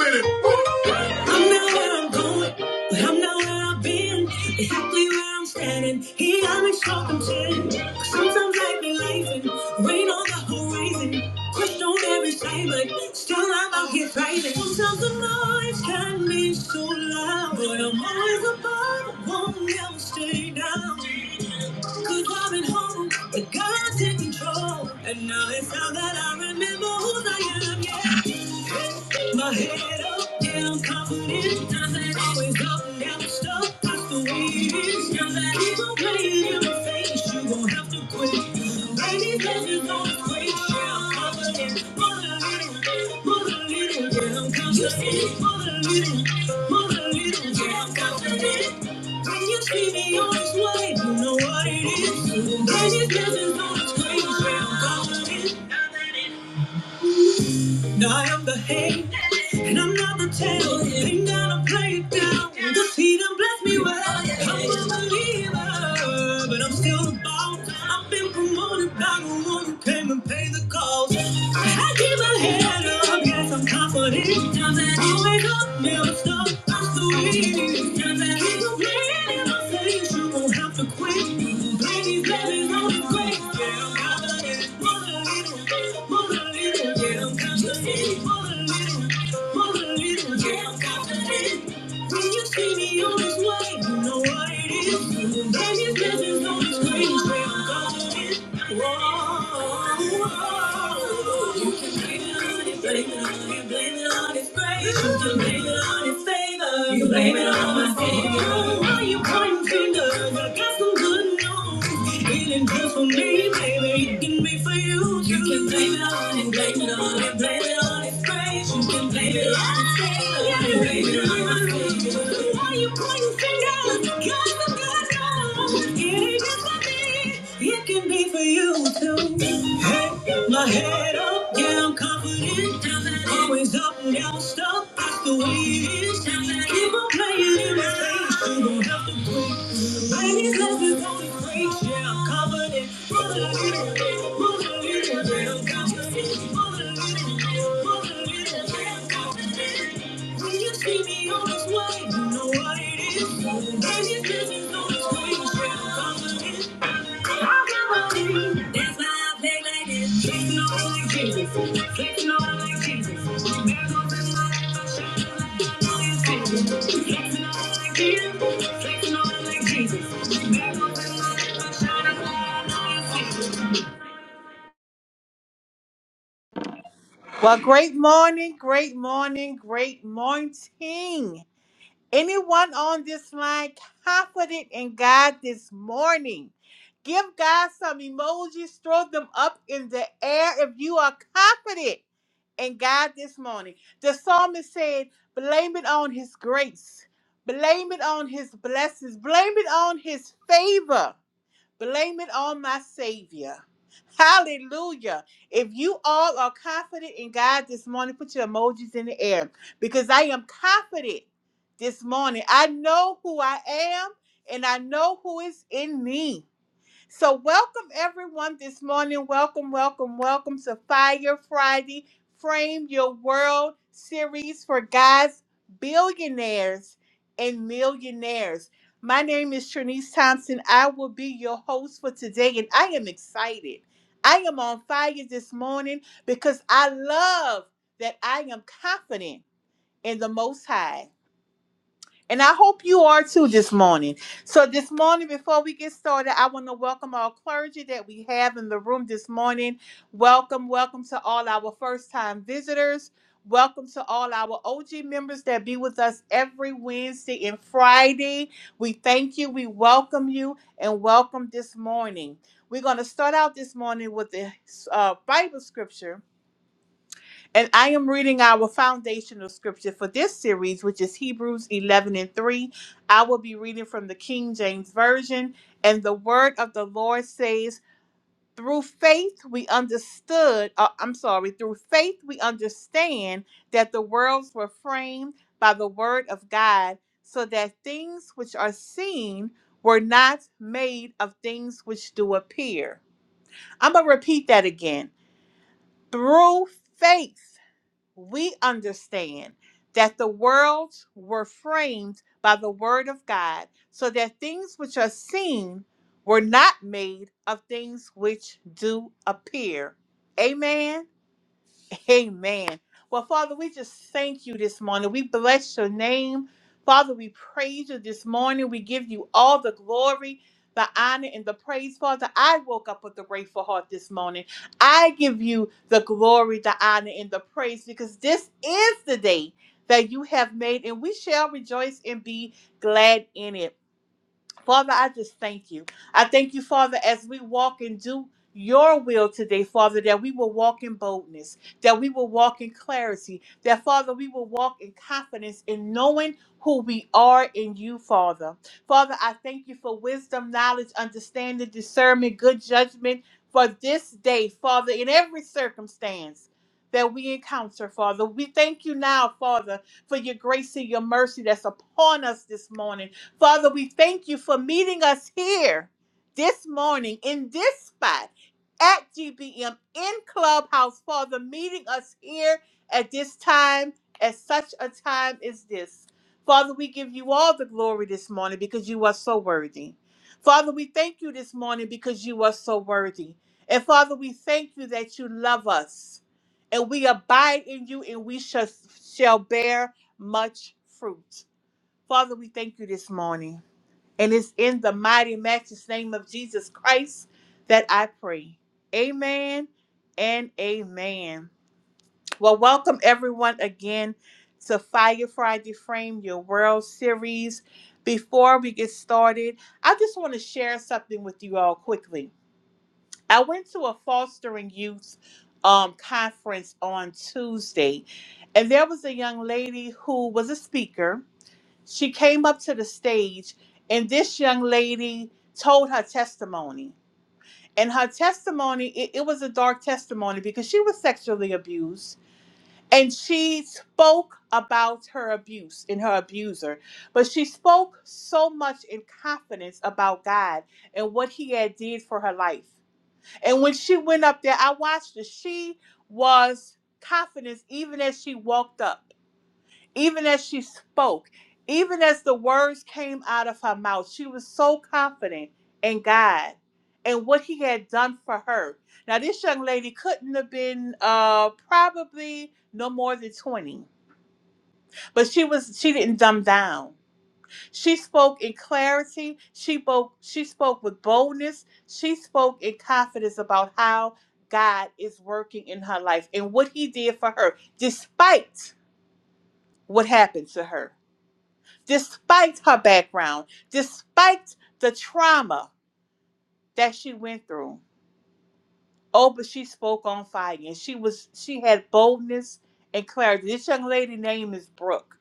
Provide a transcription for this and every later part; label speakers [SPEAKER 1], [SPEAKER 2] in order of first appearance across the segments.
[SPEAKER 1] I'm not where I'm going, but I'm not where I've been. Exactly where I'm standing, he got me circumcised. Sometimes I be life and rain on the horizon. Crushed on every side, but still I'm out here thriving. Sometimes the noise can be so loud, but I'm always above, I won't ever stay down. i I've been home, but God's in control. And now it's time that I remember who I am, yeah. My head up, yeah I'm confident, nothing always up, and down, the stuff. that's the way it is. Now that it's okay in my face, you gon' have to quit. Baby, love is on the way, yeah, I'm confident. Mother little, mother little, yeah, I'm confident. mother little, mother little, yeah, I'm confident. When you see me on this way, you know what it is. Baby, love is on the way, yeah, I'm confident. Now I am the head, and I'm not the tail. Lay down and play it down. The feet and bless me well. I'm a believer, but I'm still the boss. I've been promoted by the one who came and paid the cost. I keep my head up, yes, I'm confident. Times that Always up, never stop. When you see me on this way, you know what it is. Baby, Baby's blessings on this way. You can Blame it on it, blame it on it, blame it on it. For you too. Hey, my head up, yeah, I'm confident. Always up, now stuck. That's the way it is. Keep on playing in my face. You gon' have to Ladies, let's just don't be afraid. Yeah, I'm covered in mother- mother- When you see me on this way, you know what it is. Ladies, let's just don't be afraid. Yeah, I'm covered in well, great morning, great morning, great morning. Anyone on this line confident in God this morning? Give God some emojis, throw them up in the air if you are confident in God this morning. The psalmist said, Blame it on His grace, blame it on His blessings, blame it on His favor. Blame it on my Savior. Hallelujah. If you all are confident in God this morning, put your emojis in the air because I am confident this morning. I know who I am and I know who is in me. So, welcome everyone this morning. Welcome, welcome, welcome to Fire Friday Frame Your World series for guys, billionaires, and millionaires. My name is Trinice Thompson. I will be your host for today, and I am excited. I am on fire this morning because I love that I am confident in the Most High. And I hope you are too this morning. So, this morning, before we get started, I want to welcome our clergy that we have in the room this morning. Welcome, welcome to all our first time visitors. Welcome to all our OG members that be with us every Wednesday and Friday. We thank you, we welcome you, and welcome this morning. We're going to start out this morning with the uh, Bible scripture and I am reading our foundational scripture for this series, which is Hebrews 11 and 3. I will be reading from the King James Version. And the word of the Lord says, Through faith we understood, uh, I'm sorry, through faith we understand that the worlds were framed by the word of God, so that things which are seen were not made of things which do appear. I'm going to repeat that again. Through faith we understand that the worlds were framed by the word of God, so that things which are seen were not made of things which do appear. Amen. Amen. Well, Father, we just thank you this morning. We bless your name. Father, we praise you this morning. We give you all the glory, the honor, and the praise. Father, I woke up with a grateful heart this morning. I give you the glory, the honor, and the praise because this is the day that you have made, and we shall rejoice and be glad in it. Father, I just thank you. I thank you, Father, as we walk and do your will today, Father, that we will walk in boldness, that we will walk in clarity, that, Father, we will walk in confidence in knowing who we are in you, Father. Father, I thank you for wisdom, knowledge, understanding, discernment, good judgment for this day, Father, in every circumstance. That we encounter, Father. We thank you now, Father, for your grace and your mercy that's upon us this morning. Father, we thank you for meeting us here this morning in this spot at GBM in Clubhouse. Father, meeting us here at this time, at such a time as this. Father, we give you all the glory this morning because you are so worthy. Father, we thank you this morning because you are so worthy. And Father, we thank you that you love us and we abide in you and we shall, shall bear much fruit. Father, we thank you this morning. And it's in the mighty, matchless name of Jesus Christ that I pray. Amen and amen. Well, welcome everyone again to Fire Friday Frame Your World series. Before we get started, I just want to share something with you all quickly. I went to a fostering youth um, conference on Tuesday, and there was a young lady who was a speaker she came up to the stage, and this young lady told her testimony. And her testimony, it, it was a dark testimony because she was sexually abused. And she spoke about her abuse and her abuser. But she spoke so much in confidence about God and what He had did for her life. And when she went up there, I watched her. She was confident even as she walked up even as she spoke, even as the words came out of her mouth, she was so confident in God and what He had done for her. Now, this young lady couldn't have been uh, probably no more than 20, but she was she didn't dumb down. She spoke in clarity. She spoke she spoke with boldness. She spoke in confidence about how God is working in her life and what He did for her, despite what happened to her. despite her background, despite the trauma that she went through. Oh, but she spoke on fire and she was she had boldness and clarity. This young lady name is Brooke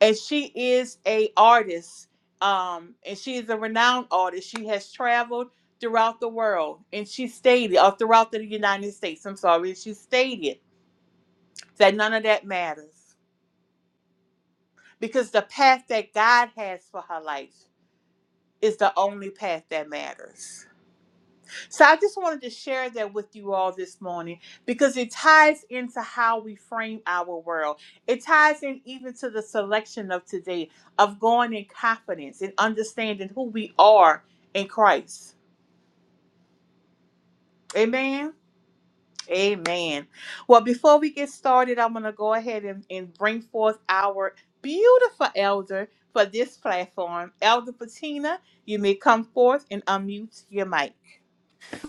[SPEAKER 1] and she is a artist. Um, and she is a renowned artist. She has traveled throughout the world and she stated or throughout the United States. I'm sorry, and she stated that none of that matters. Because the path that God has for her life is the only path that matters So I just wanted to share that with you all this morning because it ties into how we frame our world. It ties in even to the selection of today of going in confidence and understanding who we are in Christ. Amen. Amen. Well, before we get started, I'm going to go ahead and, and bring forth our beautiful elder for this platform. Elder Patina, you may come forth and unmute your mic.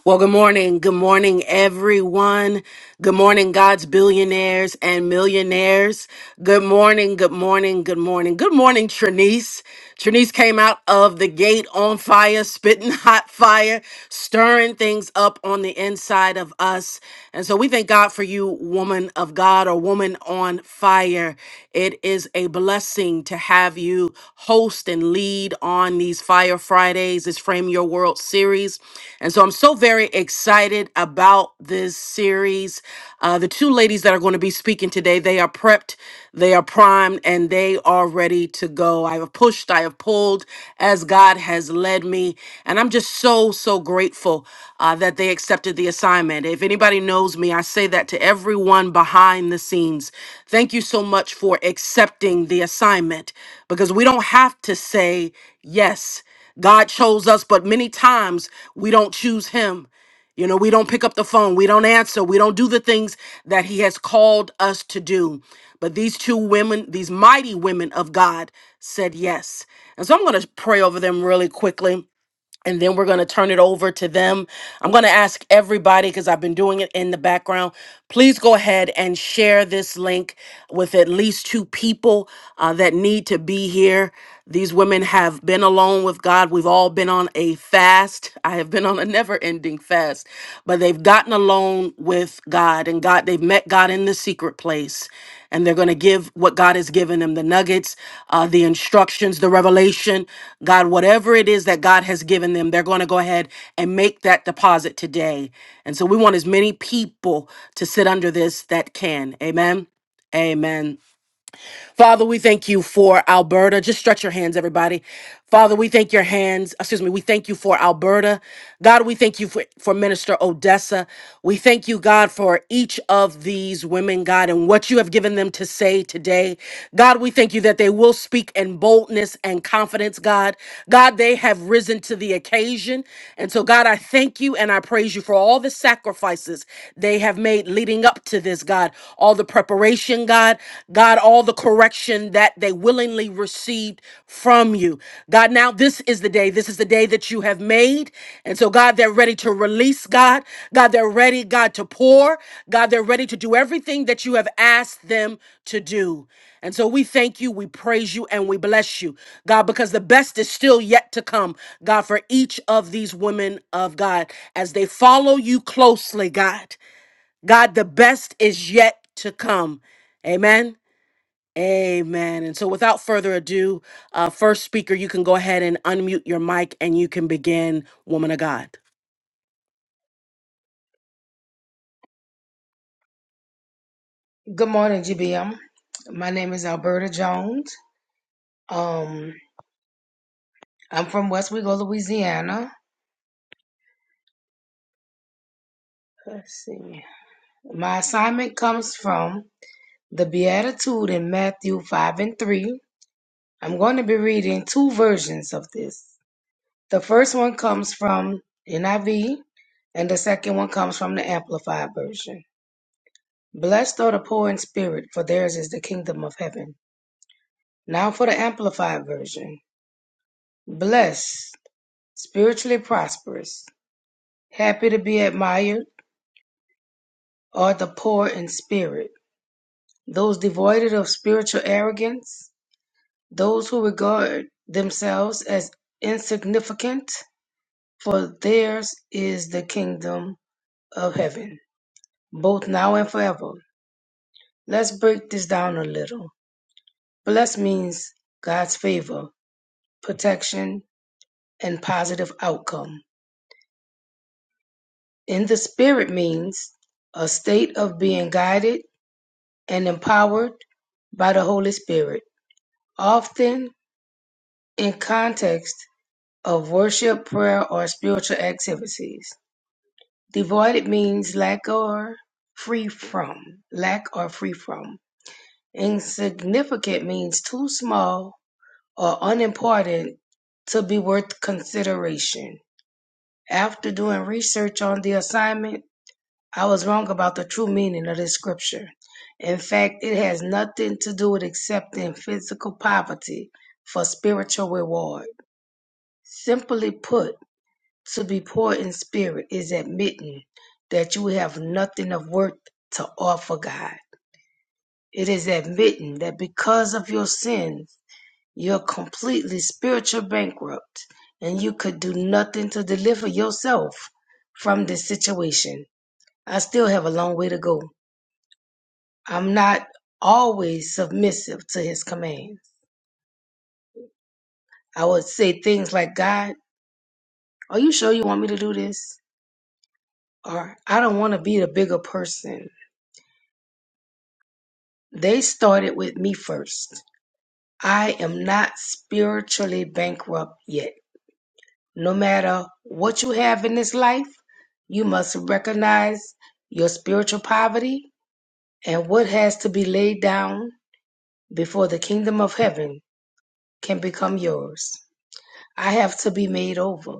[SPEAKER 2] Well, good morning. Good morning, everyone. Good morning, God's billionaires and millionaires. Good morning. Good morning. Good morning. Good morning, Trinice. Trinice came out of the gate on fire, spitting hot fire, stirring things up on the inside of us. And so we thank God for you, woman of God or woman on fire. It is a blessing to have you host and lead on on these Fire Fridays, this Frame Your World series. And so I'm so very excited about this series. Uh, the two ladies that are going to be speaking today, they are prepped, they are primed, and they are ready to go. I have pushed, I have pulled as God has led me. And I'm just so, so grateful uh, that they accepted the assignment. If anybody knows me, I say that to everyone behind behind the scenes. Thank you so much for accepting the assignment because we don't have to say yes. God chose us, but many times we don't choose Him. You know, we don't pick up the phone, we don't answer, we don't do the things that He has called us to do. But these two women, these mighty women of God, said yes. And so I'm going to pray over them really quickly and then we're going to turn it over to them. I'm going to ask everybody because I've been doing it in the background. Please go ahead and share this link with at least two people uh, that need to be here. These women have been alone with God. We've all been on a fast. I have been on a never ending fast, but they've gotten gotten alone with God and God, they've met God in the secret place and they're going to give what God has given them the nuggets, uh, the instructions, the revelation, God, whatever it is that God has given them, they're going to go ahead and make that deposit today. And so we want as many people to sit under this that can. Amen. Amen. Father, we thank you for Alberta. Just stretch your hands, everybody. Father, we thank your hands. Excuse me. We thank you for Alberta. God, we thank you for, for Minister Odessa. We thank you, God, for each of these women, God, and what you have given them to say today. God, we thank you that they will speak in boldness and confidence, God. God, they have risen to the occasion. And so, God, I thank you and I praise you for all the sacrifices they have made leading up to this, God all the preparation, God, God, all the correction that they willingly received from you. God, now this is the day. This is the day that you have made. And so, God, they're ready to release, God. God, they're ready, God, to pour. God, they're ready to do everything that you have asked them to do. And so we thank you, we praise you, and we bless you, God, because the best is still yet to come, God, for each of these women of God as they follow you closely, God. God, the best is yet to come. Amen. Amen. And so, without further ado, uh, first speaker, you can go ahead and unmute your mic and you can begin, woman of God.
[SPEAKER 3] Good morning, GBM. My name is Alberta Jones. Um, I'm from West Wego, Louisiana. Let's see. My assignment comes from the Beatitude in Matthew 5 and 3. I'm going to be reading two versions of this. The first one comes from NIV, and the second one comes from the Amplified Version. Blessed are the poor in spirit, for theirs is the kingdom of heaven. Now for the Amplified Version. Blessed, spiritually prosperous. happy to be admired, are the poor in spirit, those devoid of spiritual arrogance, those who regard themselves as insignificant, for theirs is the kingdom of heaven, both now and forever. Let's break this down a little. Blessed means God's favor, protection, and positive outcome. In the spirit means a state of being guided and empowered by the Holy Spirit Often in context of worship, prayer, or spiritual activities, devoid means lack or free from, lack or free from. Insignificant means too small or unimportant to be worth consideration. After doing research on the assignment, I was wrong about the true meaning of this scripture. In fact, it has nothing to do with accepting physical poverty for spiritual reward. Simply put, to be poor in spirit is admitting that you have nothing of worth to offer God. It is admitting that because of your sins, you're completely spiritual bankrupt and you could do nothing to deliver yourself from this situation. I still have a long way to go. I'm not always submissive to his commands. I would say things like, God, are you sure you want me to do this? Or I don't want to be the bigger person They started with me first. I am not spiritually bankrupt yet. No matter what you have in this life, you must recognize your spiritual poverty and what has to be laid down before the kingdom of heaven can become yours. I have to be made over.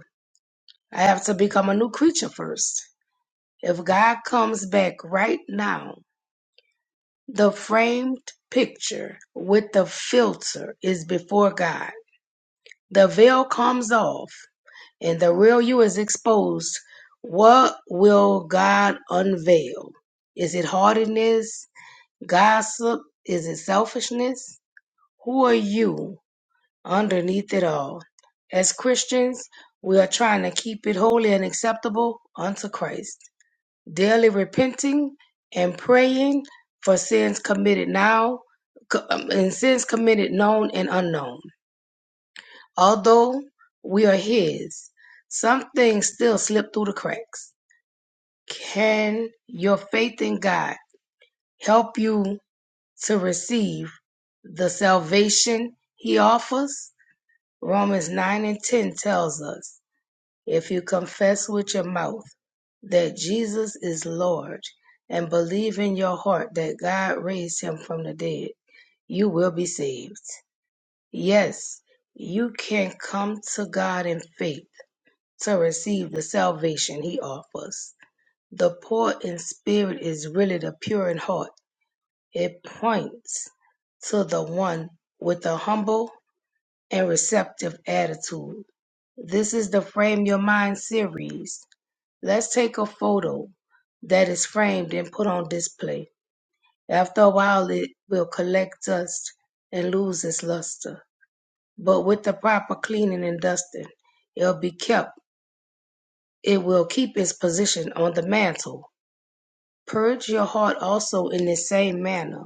[SPEAKER 3] I have to become a new creature first. If God comes back right now, the framed picture with the filter is before God The veil comes off and the real you is exposed. What will God unveil? Is it hardiness, gossip? Is it selfishness? Who are you underneath it all? As Christians, we are trying to keep it holy and acceptable unto Christ, daily repenting and praying for sins committed now co- um, and sins committed known and unknown. Although we are His, some things still slip through the cracks. Can your faith in God help you to receive the salvation He offers? Romans 9 and 10 tells us if you confess with your mouth that Jesus is Lord and believe in your heart that God raised him from the dead, you will be saved. Yes, you can come to God in faith to receive the salvation he offers. The poor in spirit is really the pure in heart. It points to the one with a humble and receptive attitude. This is the Frame Your Mind series. Let's take a photo that is framed and put on display. After a while, it will collect dust and lose its luster. But with the proper cleaning and dusting, it'll be kept it will keep its position on the mantle. Purge your heart also in the same manner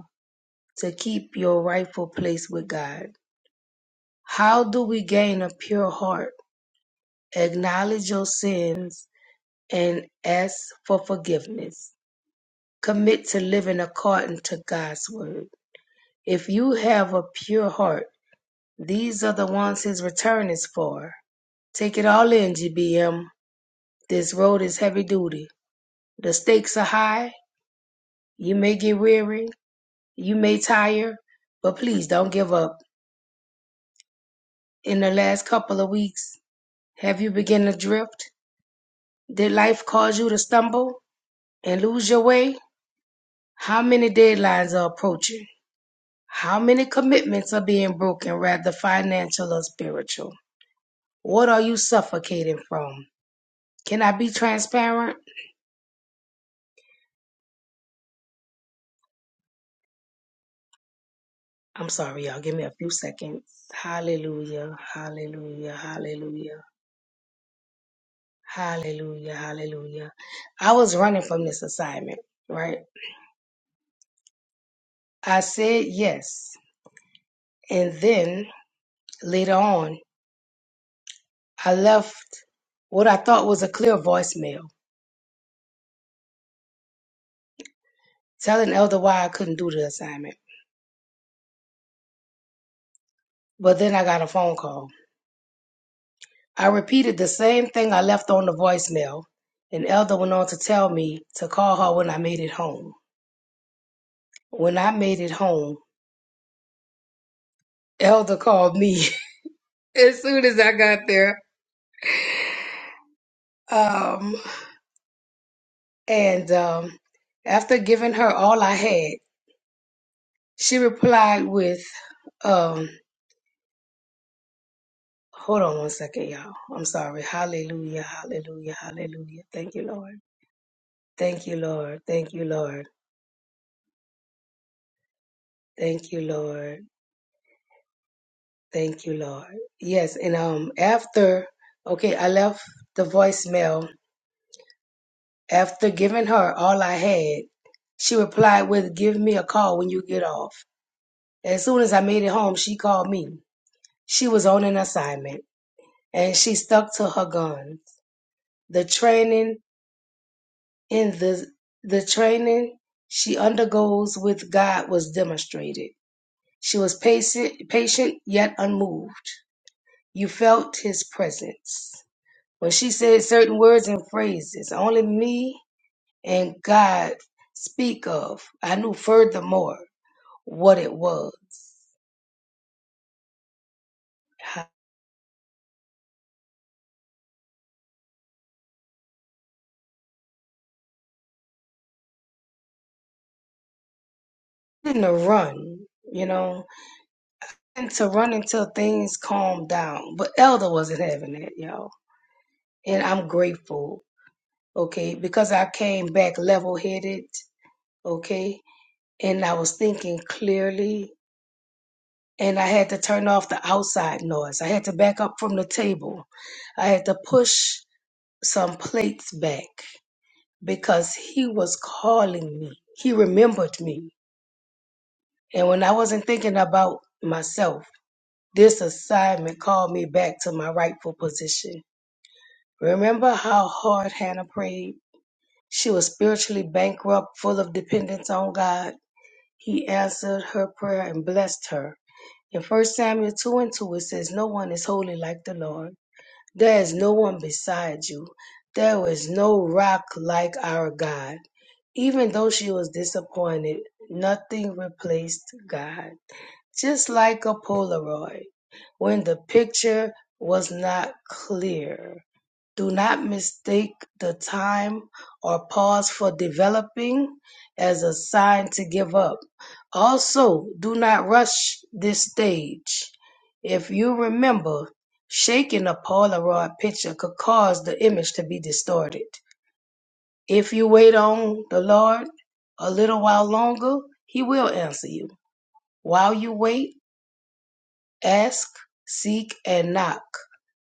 [SPEAKER 3] to keep your rightful place with God. How do we gain a pure heart? Acknowledge your sins and ask for forgiveness. Commit to living according to God's word. If you have a pure heart, these are the ones his return is for. Take it all in, GBM. This road is heavy duty. The stakes are high. You may get weary, You may tire, but please don't give up. In the last couple of weeks, have you begun to drift? Did life cause you to stumble and lose your way? How many deadlines are approaching? How many commitments are being broken, rather financial or spiritual? What are you suffocating from? Can I be transparent? I'm sorry, y'all. Give me a few seconds. Hallelujah, hallelujah, hallelujah, hallelujah, hallelujah. I was running from this assignment, right? I said yes. And then later on, I left what I thought was a clear voicemail telling Elder why I couldn't do the assignment. But then I got a phone call. I repeated the same thing I left on the voicemail, and Elder went on to tell me to call her when I made it home. When I made it home, Elder called me as soon as I got there. Um, and um, after giving her all I had, she replied with, um. Hold on one second, y'all. I'm sorry. Hallelujah, hallelujah, hallelujah. Thank you, Lord. Thank you, Lord. Thank you, Lord. Thank you, Lord. Thank you, Lord. Yes, and um after okay, I left the voicemail. After giving her all I had, she replied with give me a call when you get off. As soon as I made it home, she called me. She was on an assignment and she stuck to her guns. The training In the the training she undergoes with God was demonstrated. She was patient, patient yet unmoved. You felt His presence when she said certain words and phrases. Only me and God speak of. I knew furthermore what it was. I didn't run, you know, and to run until things calmed down. But Elder wasn't having that, y'all. And I'm grateful okay, because I came back level headed, okay, and I was thinking clearly, and I had to turn off the outside noise. I had to back up from the table. I had to push some plates back because he was calling me. He remembered me. And when I wasn't thinking about myself, this assignment called me back to my rightful position. Remember how hard Hannah prayed? She was spiritually bankrupt, full of dependence on God He answered her prayer and blessed her. In 1 Samuel 2 and 2, it says, No one is holy like the Lord. There is no one beside you. There is no rock like our God. Even though she was disappointed, nothing replaced God. Just like a Polaroid, when the picture was not clear. Do not mistake the time or pause for developing as a sign to give up. Also, do not rush this stage. If you remember, shaking a Polaroid picture could cause the image to be distorted. If you wait on the Lord a little while longer, He will answer you. While you wait, ask, seek, and knock.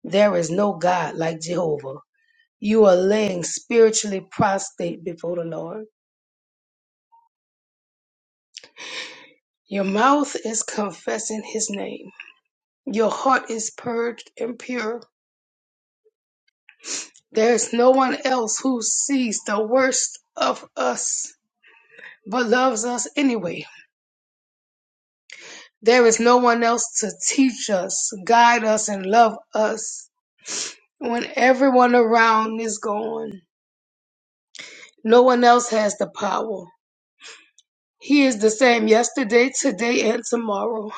[SPEAKER 3] There is no God like Jehovah. You are laying spiritually prostrate before the Lord. Your mouth is confessing his name. Your heart is purged and pure. There is no one else who sees the worst of us but loves us anyway. There is no one else to teach us, guide us, and love us when everyone around is gone. No one else has the power. He is the same yesterday, today, and tomorrow.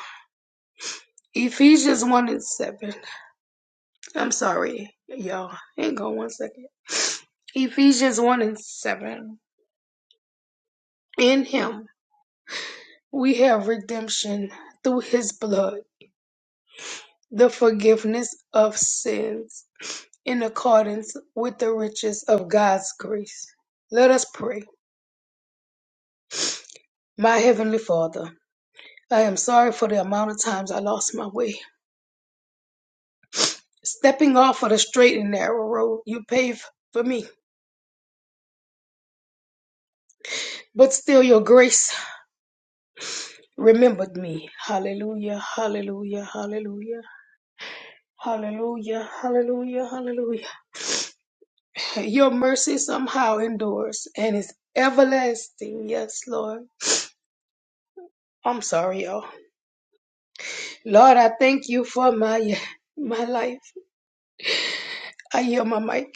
[SPEAKER 3] Ephesians 1 and 7. I'm sorry, y'all. Hang on one second. Ephesians 1 and 7. In him we have redemption through his blood, the forgiveness of sins, in accordance with the riches of God's grace. Let us pray. My heavenly Father, I am sorry for the amount of times I lost my way. Stepping off of the straight and narrow road you paved for me, but still your grace remembered me. Hallelujah, hallelujah, hallelujah. Hallelujah, hallelujah, hallelujah. Your mercy somehow endures and is everlasting. Yes, Lord. I'm sorry, y'all. Lord, I thank you for my my life. I hear my mic.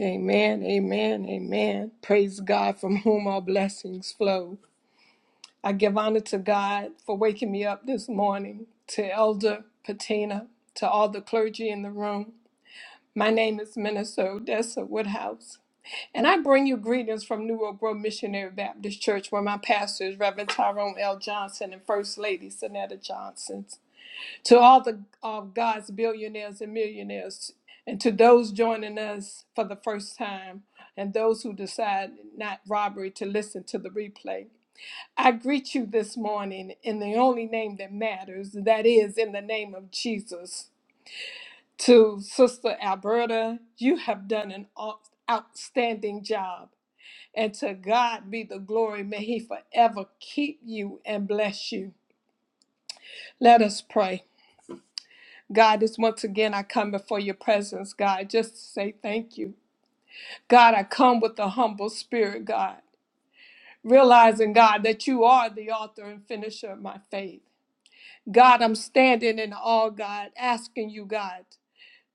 [SPEAKER 4] Amen, amen, amen. Praise God from whom all blessings flow. I give honor to God for waking me up this morning, to Elder Patina, to all the clergy in the room. My name is Minister Odessa Woodhouse, and I bring you greetings from New Oak Grove Missionary Baptist Church, where my pastor is Reverend Tyrone L. Johnson and First Lady Sonetta Johnson. To all the of God's billionaires and millionaires, and to those joining us for the first time, and those who decide not robbery to listen to the replay, I greet you this morning in the only name that matters, that is, in the name of Jesus. To Sister Alberta, you have done an out- outstanding job. And to God be the glory. May He forever keep you and bless you. Let us pray. God, just once again, I come before your presence, God, just to say thank you. God, I come with a humble spirit, God, realizing, God, that you are the author and finisher of my faith. God, I'm standing in awe, God, asking you, God,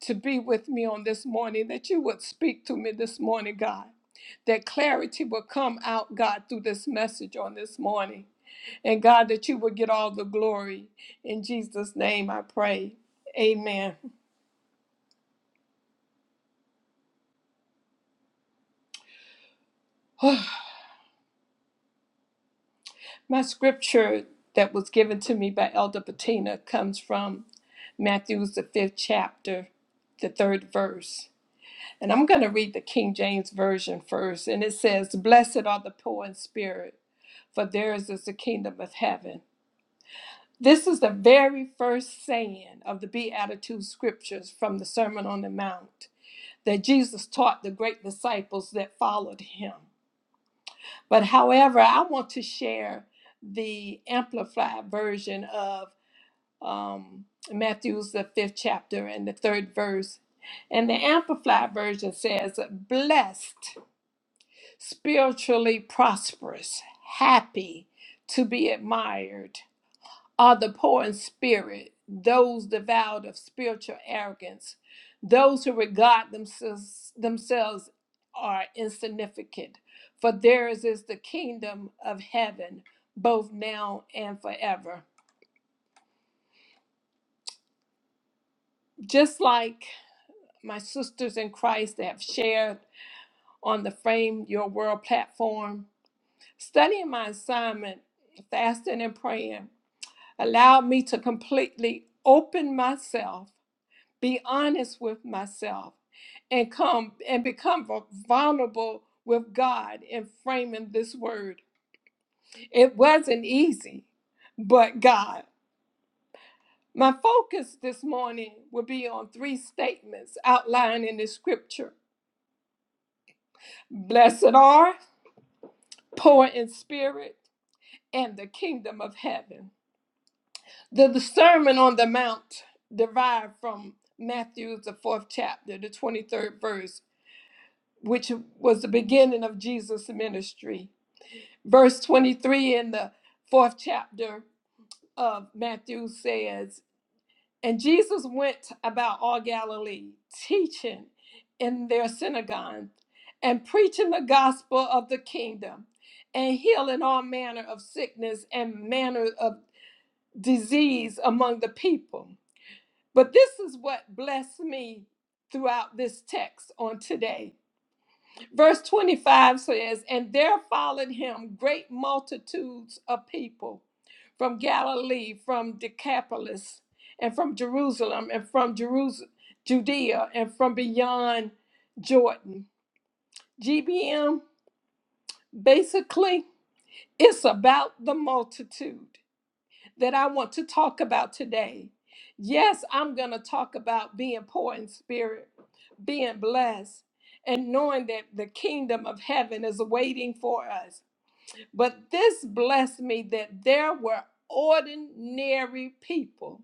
[SPEAKER 4] to be with me on this morning, that you would speak to me this morning, God. That clarity will come out, God, through this message on this morning. And God, that you would get all the glory. In Jesus' name I pray. Amen. My scripture that was given to me by Elder Bettina comes from Matthew's the fifth chapter, the third verse. And I'm going to read the King James Version first. And it says, Blessed are the poor in spirit, for theirs is the kingdom of heaven. This is the very first saying of the Beatitude scriptures from the Sermon on the Mount that Jesus taught the great disciples that followed him. But however, I want to share the amplified version of um, Matthew's the fifth chapter and the third verse. And the amplified version says, blessed, spiritually prosperous, happy, to be admired are the poor in spirit, those devoured of spiritual arrogance, those who regard themselves, themselves are insignificant. For theirs is the kingdom of heaven, both now and forever. Just like my sisters in Christ that have shared on the Frame Your World platform, studying my assignment, fasting and praying, allowed me to completely open myself be honest with myself and come and become vulnerable with God in framing this word. It wasn't easy, but God. My focus this morning will be on three statements outlined in the scripture Blessed are, poor in spirit, and the kingdom of heaven. The, the Sermon on the Mount derived from Matthew, the fourth chapter, the 23rd verse which was the beginning of Jesus' ministry. Verse 23 in the fourth chapter of Matthew says, And Jesus went about all Galilee, teaching in their synagogues and preaching the gospel of the kingdom and healing all manner of sickness and manner of disease among the people. But this is what blessed me throughout this text on today Verse 25 says, And there followed him great multitudes of people from Galilee, from Decapolis, and from Jerusalem, and from Jerusalem, Judea, and from beyond Jordan. GBM, basically, it's about the multitude that I want to talk about today. Yes, I'm going to talk about being poor in spirit, being blessed, and knowing that the kingdom of heaven is waiting for us. But this blessed me that there were ordinary people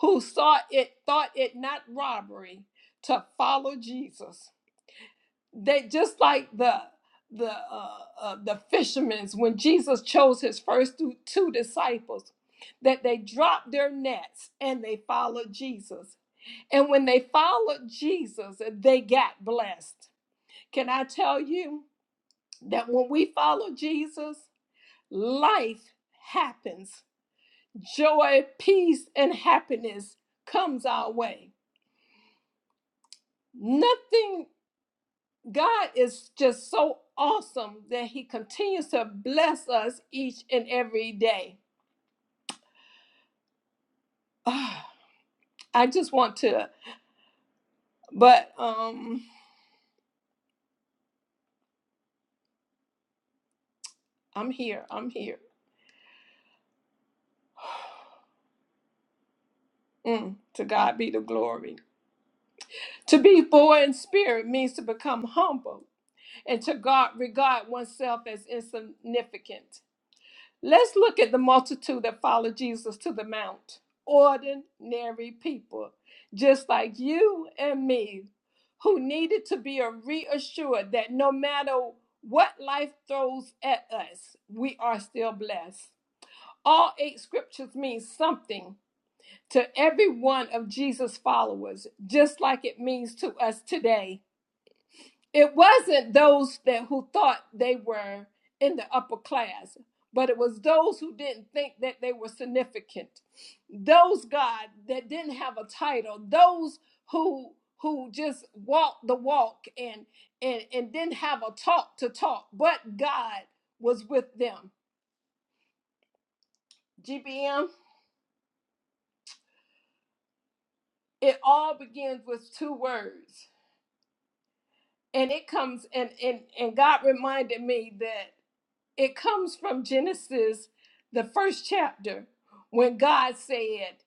[SPEAKER 4] who saw it thought it not robbery to follow Jesus they just like the the uh, uh, the fishermen's when Jesus chose his first two, two disciples that they dropped their nets and they followed Jesus. And when they followed Jesus, they got blessed. Can I tell you that when we follow Jesus, life happens. Joy, peace and happiness comes our way. Nothing God is just so awesome that He continues to bless us each and every day. Ah, I just want to, but um, I'm here. I'm here. Mm, to God be the glory. To be poor in spirit means to become humble and to God regard oneself as insignificant. Let's look at the multitude that followed Jesus to the mount. Ordinary people, just like you and me, who needed to be reassured that no matter what life throws at us, we are still blessed. All eight scriptures mean something to every one of Jesus' followers, just like it means to us today it wasn't those that who thought they were in the upper class but it was those who didn't think that they were significant those god that didn't have a title those who who just walked the walk and and and didn't have a talk to talk but god was with them gbm it all begins with two words and it comes and and and god reminded me that It comes from Genesis, the first chapter, when God said,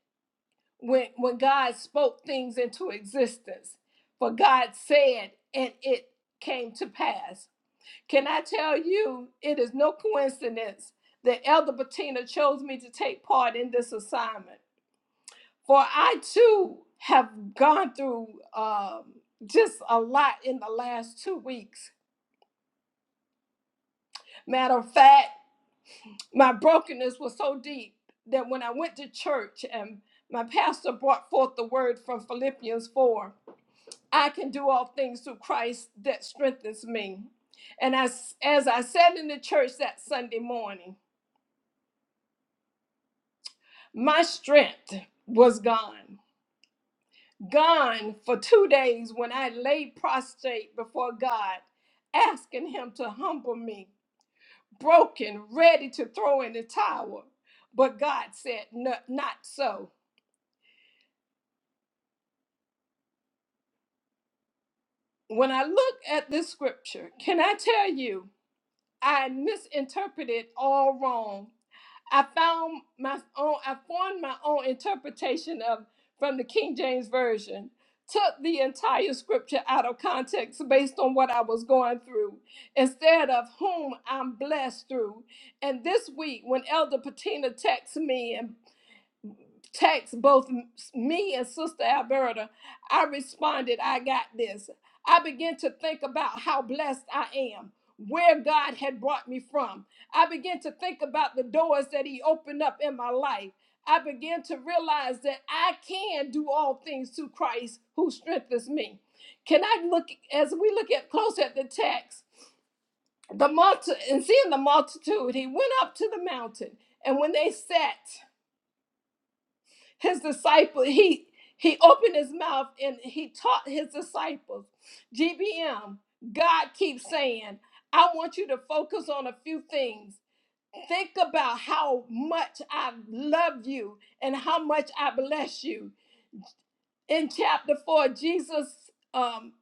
[SPEAKER 4] when, when God spoke things into existence. For God said, and it came to pass. Can I tell you, it is no coincidence that Elder Bettina chose me to take part in this assignment. For I too have gone through um, just a lot in the last two weeks. Matter of fact, my brokenness was so deep that when I went to church and my pastor brought forth the word from Philippians 4, I can do all things through Christ that strengthens me. And as, as I sat in the church that Sunday morning, my strength was gone. Gone for two days when I lay prostrate before God, asking Him to humble me, broken, ready to throw in the towel. But God said, "No- Not so. When I look at this scripture, can I tell you, I misinterpreted all wrong. I found my own, I formed my own interpretation of from the King James Version, took the entire scripture out of context based on what I was going through, instead of whom I'm blessed through. And this week, when Elder Patina texted me and text both m- me and Sister Alberta, I responded, I got this. I began to think about how blessed I am, where God had brought me from. I began to think about the doors that He opened up in my life. I began to realize that I can do all things through Christ who strengthens me. Can I look as we look at closer at the text? The multi, and seeing the multitude, he went up to the mountain, and when they sat, his disciple he he opened his mouth and he taught his disciples gbm god keeps saying i want you to focus on a few things think about how much i love you and how much i bless you in chapter 4, Jesus um,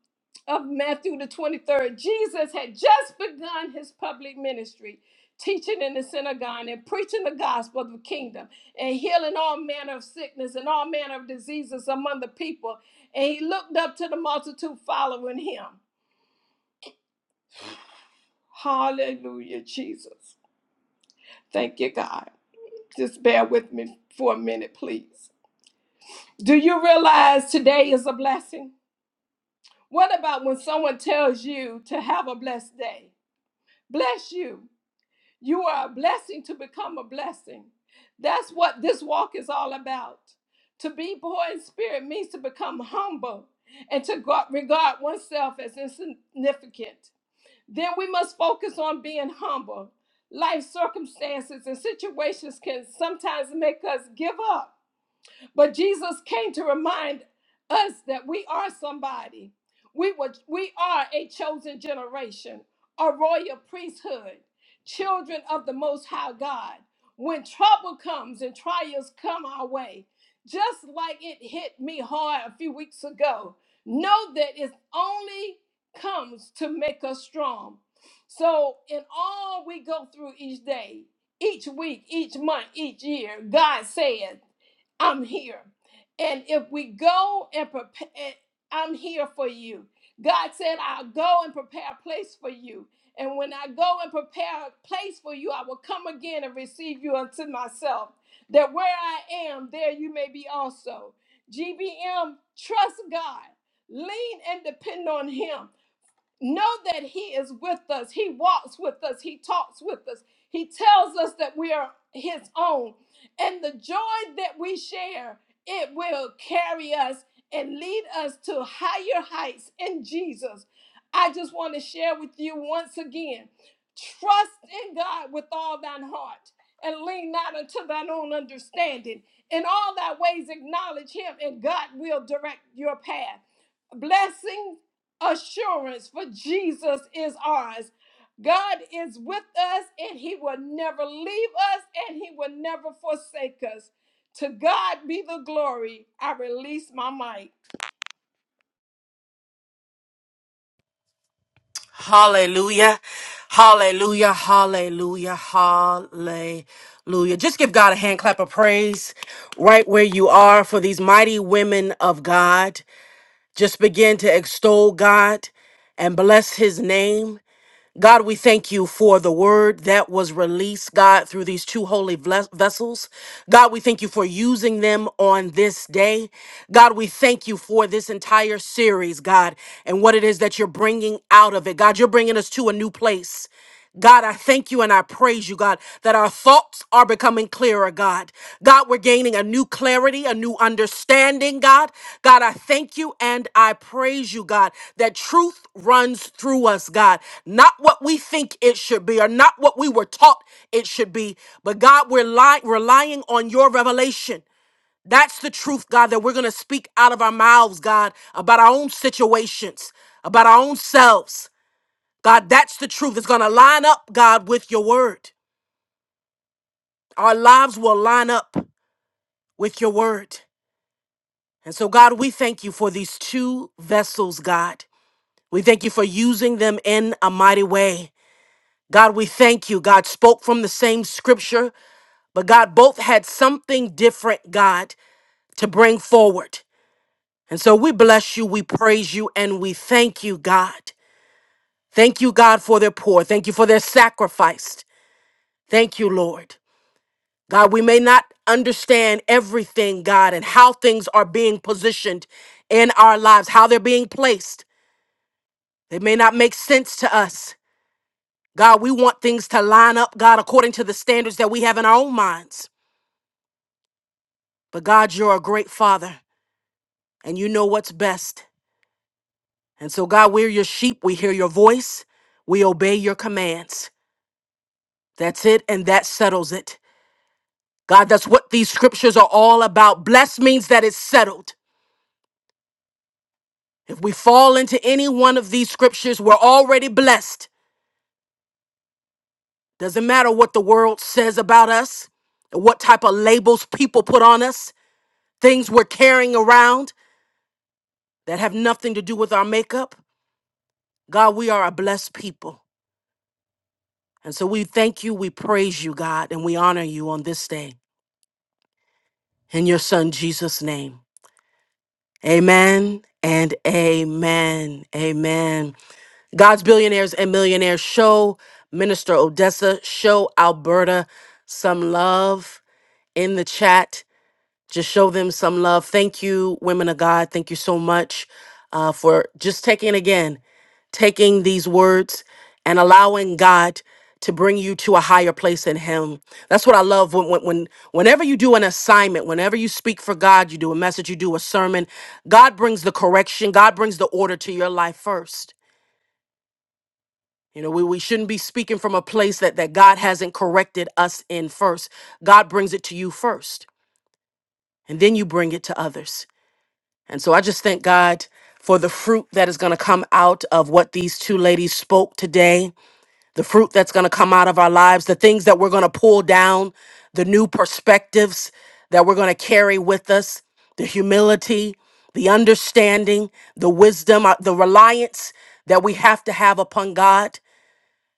[SPEAKER 4] of Matthew, the 23rd, Jesus had just begun his public ministry, teaching in the synagogue and preaching the gospel of the kingdom and healing all manner of sickness and all manner of diseases among the people. And he looked up to the multitude following him. Hallelujah, Jesus. Thank you, God. Just bear with me for a minute, please. Do you realize today is a blessing? What about when someone tells you to have a blessed day? Bless you. You are a blessing to become a blessing. That's what this walk is all about. To be poor in spirit means to become humble and to go- regard oneself as insignificant. Then we must focus on being humble. Life circumstances and situations can sometimes make us give up but Jesus came to remind us that we are somebody. We, were, we are a chosen generation, a royal priesthood, children of the Most High God. When trouble comes and trials come our way, just like it hit me hard a few weeks ago, know that it only comes to make us strong. So, in all we go through each day, each week, each month, each year, God says, I'm here. And if we go and prepare, I'm here for you. God said, I'll go and prepare a place for you. And when I go and prepare a place for you, I will come again and receive you unto myself, that where I am, there you may be also. GBM, trust God, lean and depend on Him. Know that He is with us. He walks with us. He talks with us. He tells us that we are His own. And the joy that we share, it will carry us and lead us to higher heights in Jesus. I just want to share with you once again trust in God with all thine heart and lean not unto thine own understanding. In all thy ways, acknowledge Him, and God will direct your path blessings assurance, for Jesus is ours. God is with us and he will never leave us and he will never forsake us. To God be the glory. I release my mic.
[SPEAKER 2] Hallelujah. Hallelujah. Hallelujah. Hallelujah. Just give God a hand clap of praise right where you are for these mighty women of God. Just begin to extol God and bless his name. God, we thank you for the word that was released, God, through these two holy ves- vessels. God, we thank you for using them on this day. God, we thank you for this entire series, God, and what it is that you're bringing out of it. God, you're bringing us to a new place. God, I thank you and I praise you, God, that our thoughts are becoming clearer, God. God, we're gaining a new clarity, a new understanding, God. God, I thank you and I praise you, God, that truth runs through us, God. Not what we think it should be or not what we were taught it should be, but God, we're li- relying on your revelation. That's the truth, God, that we're going to speak out of our mouths, God, about our own situations, about our own selves. God, that's the truth. It's going to line up, God, with your word. Our lives will line up with your word. And so, God, we thank you for these two vessels, God. We thank you for using them in a mighty way. God, we thank you. God spoke from the same scripture, but God, both had something different, God, to bring forward. And so we bless you, we praise you, and we thank you, God. Thank you, God, for their poor. Thank you for their sacrifice. Thank you, Lord. God, we may not understand everything, God, and how things are being positioned in our lives, how they're being placed. They may not make sense to us. God, we want things to line up, God, according to the standards that we have in our own minds. But God, you're a great father and you know what's best. And so, God, we're your sheep. We hear your voice. We obey your commands. That's it, and that settles it. God, that's what these scriptures are all about. Blessed means that it's settled. If we fall into any one of these scriptures, we're already blessed. Doesn't matter what the world says about us, or what type of labels people put on us, things we're carrying around that have nothing to do with our makeup. God, we are a blessed people. And so we thank you, we praise you, God, and we honor you on this day. In your son Jesus' name. Amen and amen. Amen. God's billionaires and millionaires show Minister Odessa, show Alberta some love in the chat. Just show them some love. Thank you, women of God. Thank you so much uh, for just taking again, taking these words and allowing God to bring you to a higher place in Him. That's what I love when, when, when whenever you do an assignment, whenever you speak for God, you do a message, you do a sermon. God brings the correction. God brings the order to your life first. You know, we, we shouldn't be speaking from a place that, that God hasn't corrected us in first. God brings it to you first, and then you bring it to others. And so I just thank God for the fruit that is going to come out of what these two ladies spoke today, the fruit that's going to come out of our lives, the things that we're going to pull down, the new perspectives that we're going to carry with us, the humility, the understanding, the wisdom, uh, the reliance that we have to have upon God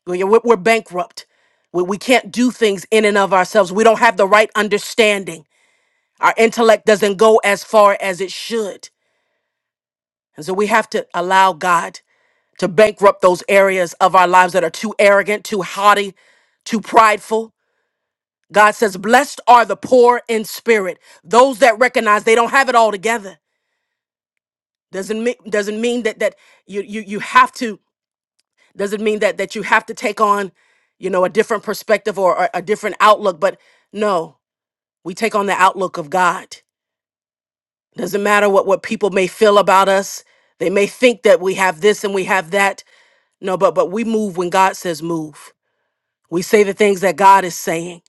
[SPEAKER 2] we're, yeah, we're we're bankrupt. We, we can't do things in and of ourselves. We don't have the right understanding. Our intellect doesn't go as far as it should. And so we have to allow God to bankrupt those areas of our lives that are too arrogant, too haughty, too prideful. God says, Blessed are the poor in spirit, those that recognize they don't have it all together. Doesn't mean doesn't mean that that you you you have to doesn't mean that that you have to take on, you know, a different perspective or, or a different outlook. But no, We take on the outlook of God. Doesn't matter what, what people may feel about us. They may think that we have this and we have that. No, but but we move when God says move. We say the things that God is saying.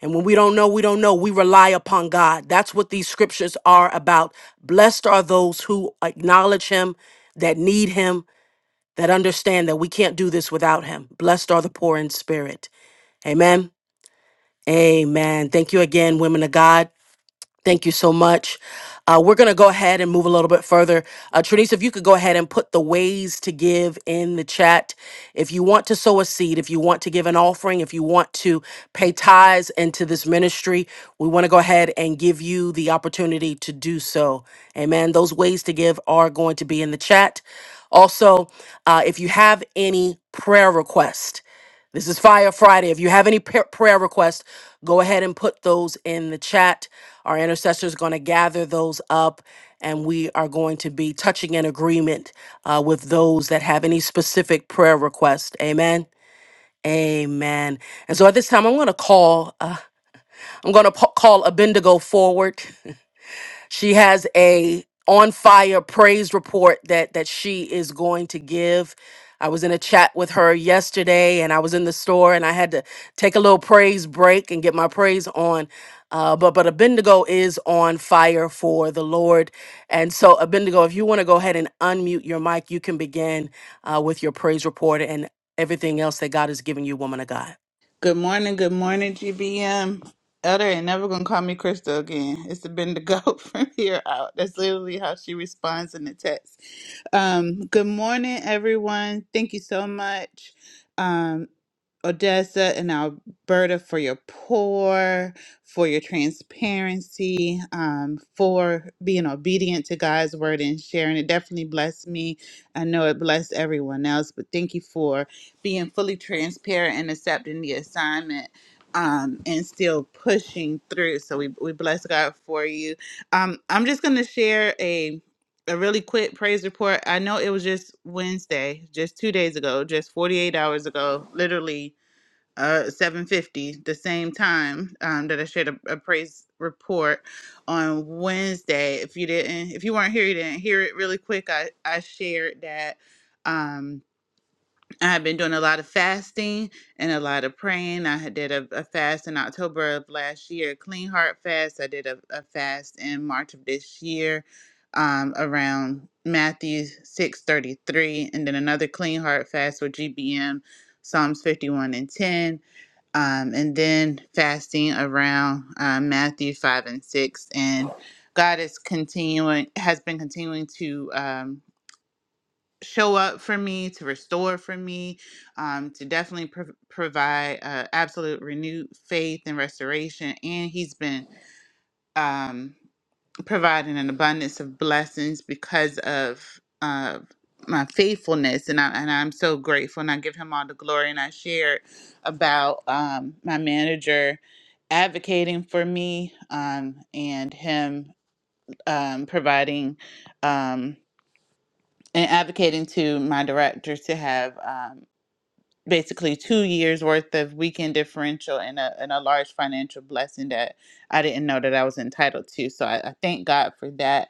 [SPEAKER 2] And when we don't know, we don't know. We rely upon God. That's what these scriptures are about. Blessed are those who acknowledge him, that need him, that understand that we can't do this without him. Blessed are the poor in spirit. Amen. Amen. Thank you again, women of God. Thank you so much. Uh, we're going to go ahead and move a little bit further. Uh, Trinice, if you could go ahead and put the ways to give in the chat. If you want to sow a seed, if you want to give an offering, if you want to pay tithes into this ministry, we want to go ahead and give you the opportunity to do so. Amen. Those ways to give are going to be in the chat. Also, uh, if you have any prayer request. This is Fire Friday. If you have any pa- prayer requests, go ahead and put those in the chat. Our intercessors going to gather those up, and we are going to be touching an agreement uh, with those that have any specific prayer request. Amen. Amen. And so at this time, I'm going to call. Uh, I'm going to po- call Abendigo forward. She has a on fire praise report that that she is going to give. I was in a chat with her yesterday and I was in the store and I had to take a little praise break and get my praise on. Uh, but but Abendigo is on fire for the Lord. And so Abendigo, if you want to go ahead and unmute your mic, you can begin uh, with your praise report and everything else that God has given you, woman of God.
[SPEAKER 5] Good morning, good morning, GBM. Elder ain't never gonna call me Crystal again. It's been the go from here out. That's literally how she responds in the text. Um, good morning, everyone. Thank you so much, um, Odessa and Alberta, for your pour, for your transparency, um, for being obedient to God's word and sharing. It definitely blessed me. I know it blessed everyone else, but thank you for being fully transparent and accepting the assignment um, and still pushing through. So we, we bless God for you. Um, I'm just going to share a a really quick praise report. I know it was just Wednesday, just two days ago, just 48 hours ago, literally uh 7:50, the same time um, that I shared a, a praise report on Wednesday. If you didn't, if you weren't here, you didn't hear it really quick. I I shared that. Um, I've been doing a lot of fasting and a lot of praying. I had did a, a fast in October of last year, a clean heart fast. I did a, a fast in March of this year, um, around Matthew six thirty three, and then another clean heart fast with GBM, Psalms fifty one and ten, um, and then fasting around uh, Matthew five and six. And God is continuing, has been continuing to. Um, show up for me, to restore for me, um, to definitely prov provide uh, absolute renewed faith and restoration. And he's been um, providing an abundance of blessings because of uh, my faithfulness, and I and I'm so grateful. And I give him all the glory. And I shared about um, my manager advocating for me um, and him um, providing. Um, and advocating to my director to have um, basically two years worth of weekend differential and a, and a large financial blessing that I didn't know that I was entitled to. So I, I thank God for that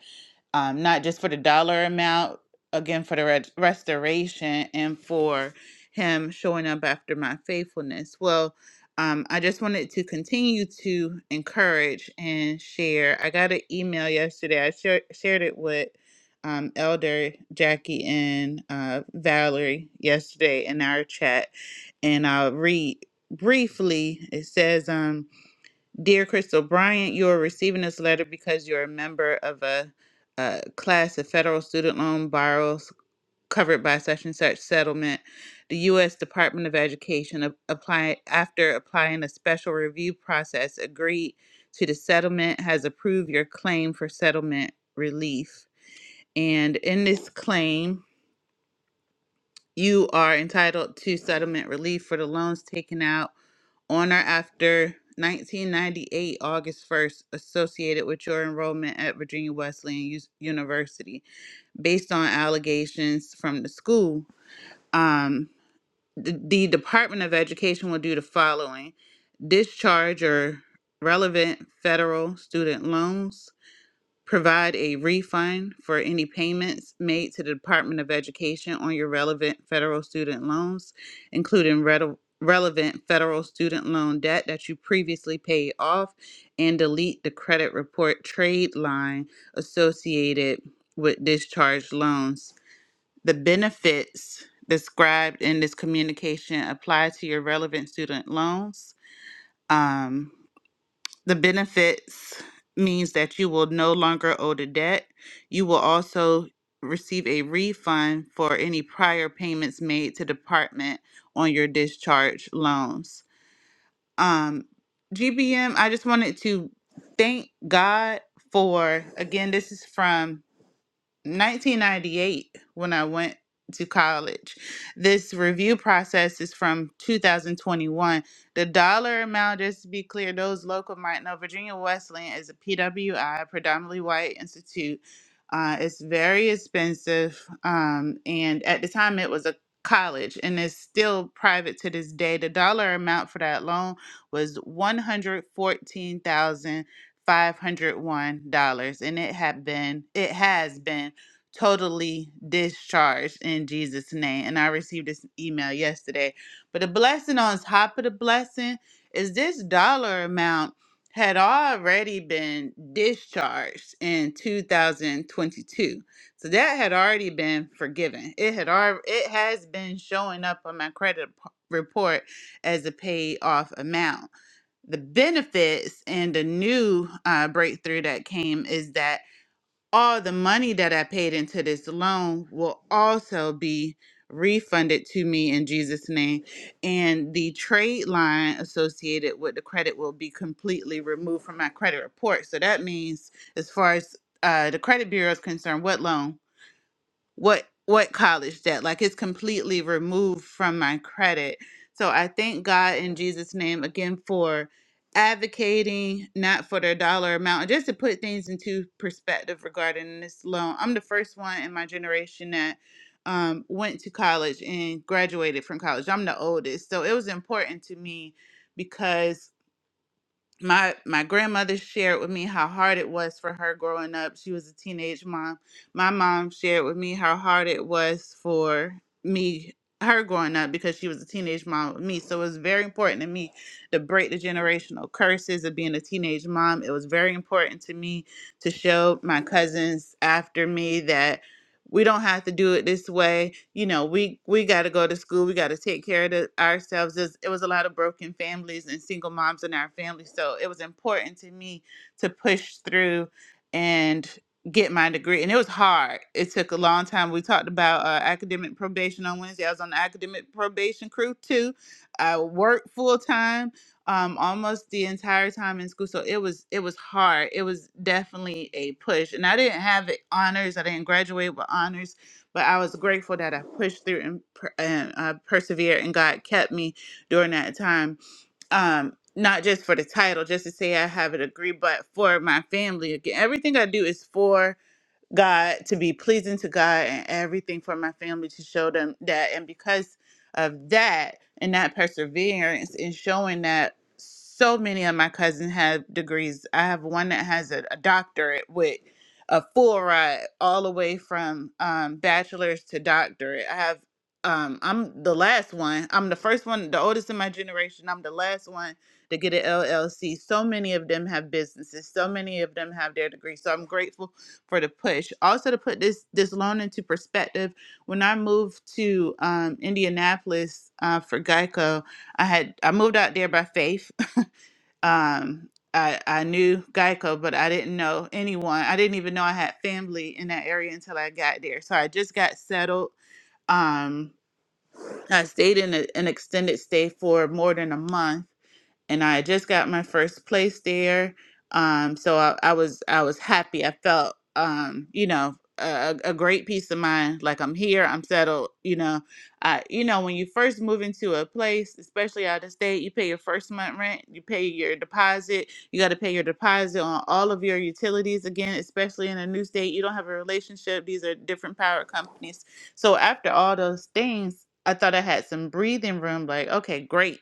[SPEAKER 5] um, not just for the dollar amount, again, for the red restoration and for him showing up after my faithfulness. Well, um, I just wanted to continue to encourage and share. I got an email yesterday. I share, shared it with um, Elder Jackie and uh, Valerie yesterday in our chat, and I'll read briefly. It says, um, Dear Crystal Bryant, you are receiving this letter because you're a member of a, uh class of federal student loan borrowers covered by such and such settlement. The U.S. Department of Education, ap- apply, after applying a special review process, agreed to the settlement, has approved your claim for settlement relief. And in this claim, you are entitled to settlement relief for the loans taken out on or after 1998, August 1st, associated with your enrollment at Virginia Wesleyan U- University, based on allegations from the school. Um, the, the Department of Education will do the following discharge or relevant federal student loans, Provide a refund for any payments made to the Department of Education on your relevant federal student loans, including rele- relevant federal student loan debt that you previously paid off, and delete the credit report trade line associated with discharged loans. The benefits described in this communication apply to your relevant student loans. Um. The benefits means that you will no longer owe the debt. You will also receive a refund for any prior payments made to department on your discharge loans. Um, G B M. I just wanted to thank God for again, this is from 1998 when I went to college. This review process is from 2021. The dollar amount, just to be clear, those local might know Virginia Wesleyan is a PWI, predominantly white institute. Uh, it's very expensive. Um, and at the time, it was a college and it's still private to this day. The dollar amount for that loan was $114,501. And it had been, it has been totally discharged in Jesus' name. And I received this email yesterday. But the blessing on top of the blessing is this dollar amount had already been discharged in 2022. So that had already been forgiven. It had already it has been showing up on my credit p- report as a paid off amount. The benefits and the new uh, breakthrough that came is that all the money that I paid into this loan will also be refunded to me in Jesus' name. And the trade line associated with the credit will be completely removed from my credit report. So that means, as far as uh, the credit bureau is concerned, what loan? what what college debt like it's completely removed from my credit so i thank god in jesus name again for advocating not for the dollar amount and just to put things into perspective regarding this loan i'm the first one in my generation that um, went to college and graduated from college i'm the oldest so it was important to me because my my grandmother shared with me how hard it was for her growing up. She was a teenage mom. My mom shared with me how hard it was for me her growing up because she was a teenage mom with me. So it was very important to me to break the generational curses of being a teenage mom. It was very important to me to show my cousins after me that we don't have to do it this way you know we we got to go to school we got to take care of the, ourselves There's, it was a lot of broken families and single moms in our family so it was important to me to push through and get my degree and it was hard it took a long time we talked about uh, academic probation on wednesday i was on the academic probation crew too i worked full-time um almost the entire time in school so it was it was hard it was definitely a push and i didn't have it honors i didn't graduate with honors but i was grateful that i pushed through and, per- and uh, persevered and god kept me during that time um not just for the title just to say i have a degree but for my family again everything i do is for God, to be pleasing to God and everything for my family to show them that. And because of that and that perseverance and showing that so many of my cousins have degrees. I have one that has a, a doctorate with a full ride all the way from um, bachelor's to doctorate. I have um, I'm the last one. I'm the first one, the oldest in my generation. I'm the last one to get an LLC. So many of them have businesses. So many of them have their degrees. So I'm grateful for the push. Also to put this this loan into perspective, when I moved to um, Indianapolis uh, for Geico, I had I moved out there by faith. um, I I knew Geico, but I didn't know anyone. I didn't even know I had family in that area until I got there. So I just got settled. Um, I stayed in a, an extended stay for more than a month and I had just got my first place there. Um, so I, I was I was happy. I felt um, you know a, a a great peace of mind. Like I'm here, I'm settled. You know, I you know when you first move into a place, especially out of state, you pay your first month rent, you pay your deposit, you got to pay your deposit on all of your utilities again. Especially in a new state, you don't have a relationship. These are different power companies. So after all those things. I thought I had some breathing room, like, okay, great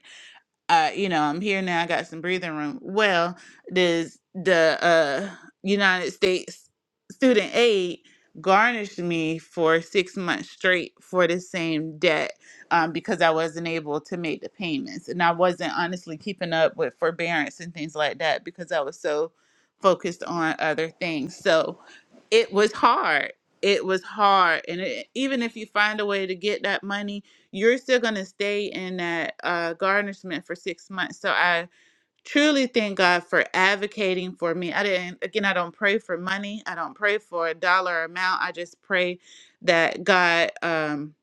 [SPEAKER 5] uh, you know, I'm here now. I got some breathing room. Well, does the uh, United States Student Aid garnished me for six months straight for the same debt um, because I wasn't able to make the payments, and I wasn't honestly keeping up with forbearance and things like that because I was so focused on other things. So it was hard. It was hard, and it, even if you find a way to get that money you're still going to stay in that uh, garnishment for six months. So I truly thank God for advocating for me. I didn't, again, I don't pray for money. I don't pray for a dollar amount. I just pray that God um,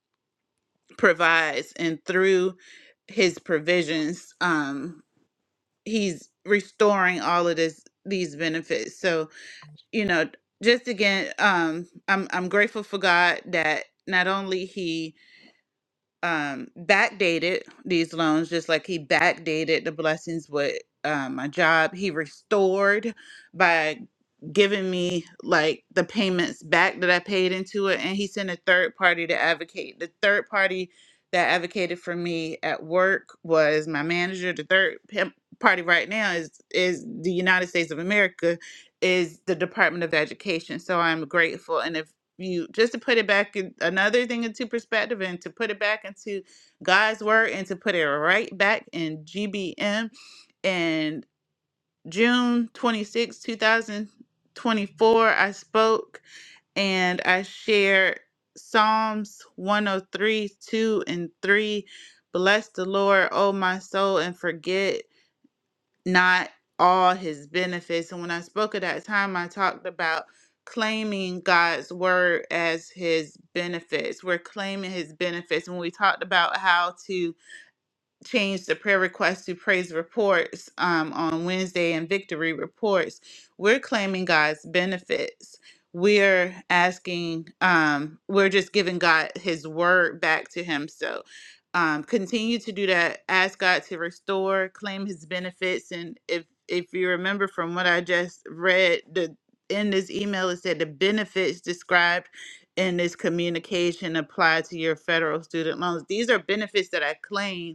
[SPEAKER 5] provides and through his provisions, um, he's restoring all of this, these benefits. So, you know, just again, um, I'm, I'm grateful for God that not only he, um backdated these loans just like he backdated the blessings with um, my job he restored by giving me like the payments back that i paid into it and he sent a third party to advocate the third party that advocated for me at work was my manager the third pim- party right now is is the united states of america is the department of education so i'm grateful and if you just to put it back in another thing into perspective and to put it back into God's word and to put it right back in GBM and June 26, 2024 I spoke and I shared Psalms 103 2 and 3 bless the Lord O my soul and forget not all his benefits. And when I spoke at that time, I talked about claiming God's word as his benefits. We're claiming his benefits. When we talked about how to change the prayer request to praise reports um, on Wednesday and victory reports. We're claiming God's benefits. We're asking, um, we're just giving God his word back to him. So um, continue to do that. Ask God to restore, claim his benefits. And if, if you remember from what I just read, the in this email it said the benefits described in this communication apply to your federal student loans. These are benefits that I claim